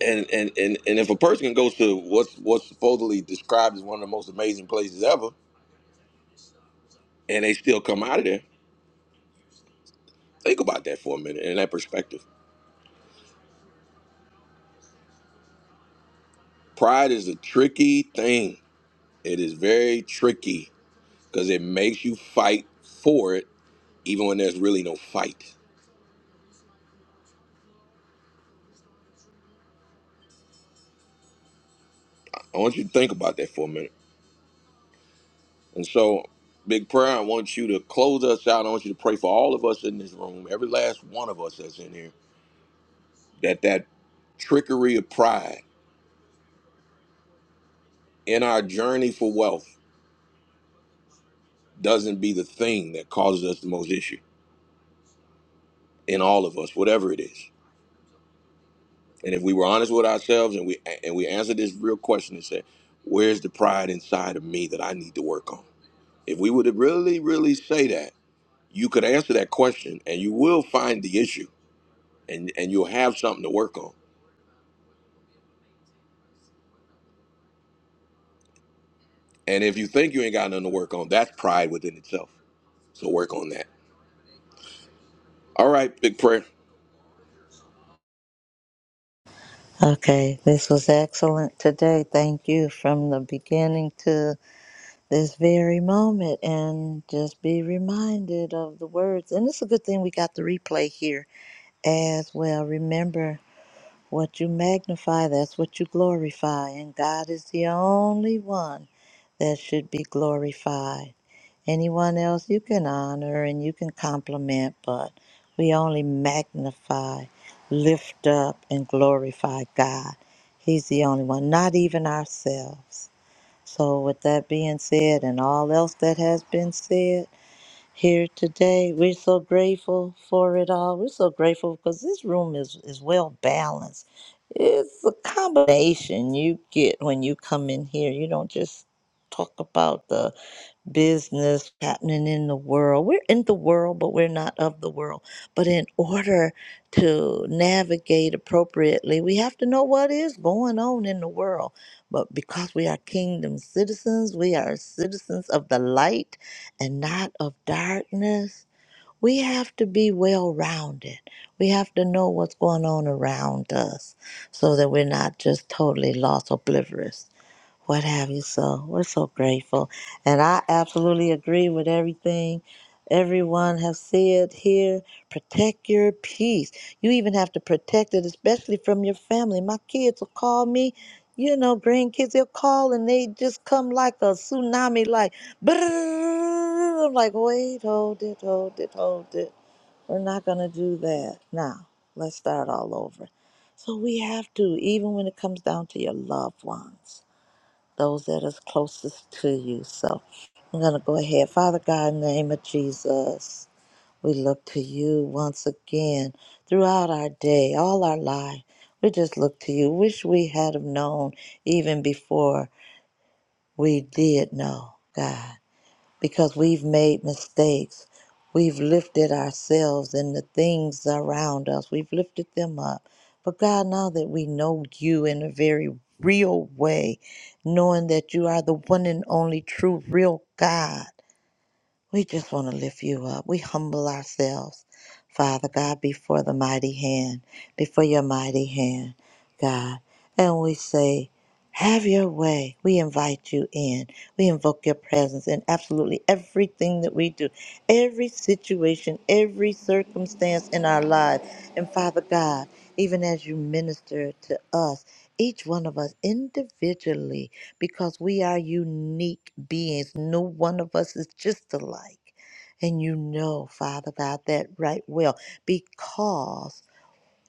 S1: And, and and and if a person goes to what's what's supposedly described as one of the most amazing places ever, and they still come out of there, think about that for a minute in that perspective. Pride is a tricky thing. It is very tricky because it makes you fight for it, even when there's really no fight. I want you to think about that for a minute. And so, big prayer. I want you to close us out. I want you to pray for all of us in this room, every last one of us that's in here that that trickery of pride in our journey for wealth doesn't be the thing that causes us the most issue in all of us, whatever it is. And if we were honest with ourselves and we and we answer this real question and say, "Where's the pride inside of me that I need to work on?" If we would really, really say that, you could answer that question, and you will find the issue, and and you'll have something to work on. And if you think you ain't got nothing to work on, that's pride within itself. So work on that. All right, big prayer.
S2: Okay, this was excellent today. Thank you from the beginning to this very moment, and just be reminded of the words. And it's a good thing we got the replay here as well. Remember what you magnify, that's what you glorify, and God is the only one that should be glorified. Anyone else you can honor and you can compliment, but we only magnify, lift up, and glorify God. He's the only one, not even ourselves. So, with that being said, and all else that has been said here today, we're so grateful for it all. We're so grateful because this room is, is well balanced. It's a combination you get when you come in here. You don't just talk about the business happening in the world. We're in the world, but we're not of the world. But in order to navigate appropriately, we have to know what is going on in the world. But because we are kingdom citizens, we are citizens of the light and not of darkness. We have to be well rounded. We have to know what's going on around us so that we're not just totally lost, oblivious what have you. So we're so grateful. And I absolutely agree with everything everyone has said here. Protect your peace. You even have to protect it, especially from your family. My kids will call me. You know, grandkids, they'll call and they just come like a tsunami, like, brrrr. I'm like, wait, hold it, hold it, hold it. We're not going to do that. Now, let's start all over. So we have to, even when it comes down to your loved ones those that is closest to you. So I'm going to go ahead. Father God, in the name of Jesus, we look to you once again throughout our day, all our life. We just look to you. Wish we had have known even before we did know, God because we've made mistakes. We've lifted ourselves and the things around us, we've lifted them up. But God, now that we know you in a very real way, knowing that you are the one and only true, real God, we just want to lift you up. We humble ourselves, Father God, before the mighty hand, before your mighty hand, God. And we say, have your way. We invite you in. We invoke your presence in absolutely everything that we do, every situation, every circumstance in our lives. And Father God, even as you minister to us, each one of us individually because we are unique beings. No one of us is just alike. And you know, Father God, that right well because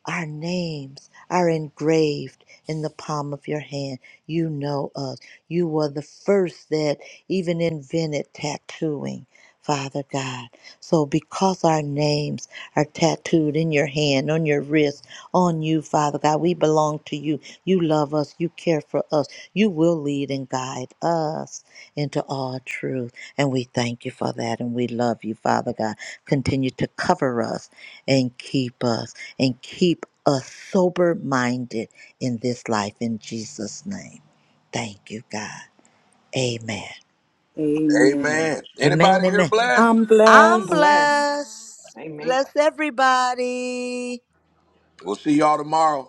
S2: our names are engraved in the palm of your hand. You know us. You were the first that even invented tattooing, Father God. So, because our names are tattooed in your hand, on your wrist, on you, Father God, we belong to you. You love us. You care for us. You will lead and guide us into all truth. And we thank you for that. And we love you, Father God. Continue to cover us and keep us and keep us sober minded in this life in Jesus' name. Thank you, God. Amen.
S3: amen.
S1: Amen.
S2: Amen.
S1: Anybody here
S2: Amen.
S1: blessed?
S3: I'm
S11: I'm
S2: I'm
S3: blessed.
S11: blessed.
S2: blessed.
S11: Amen.
S2: Bless everybody.
S1: We'll see y'all tomorrow.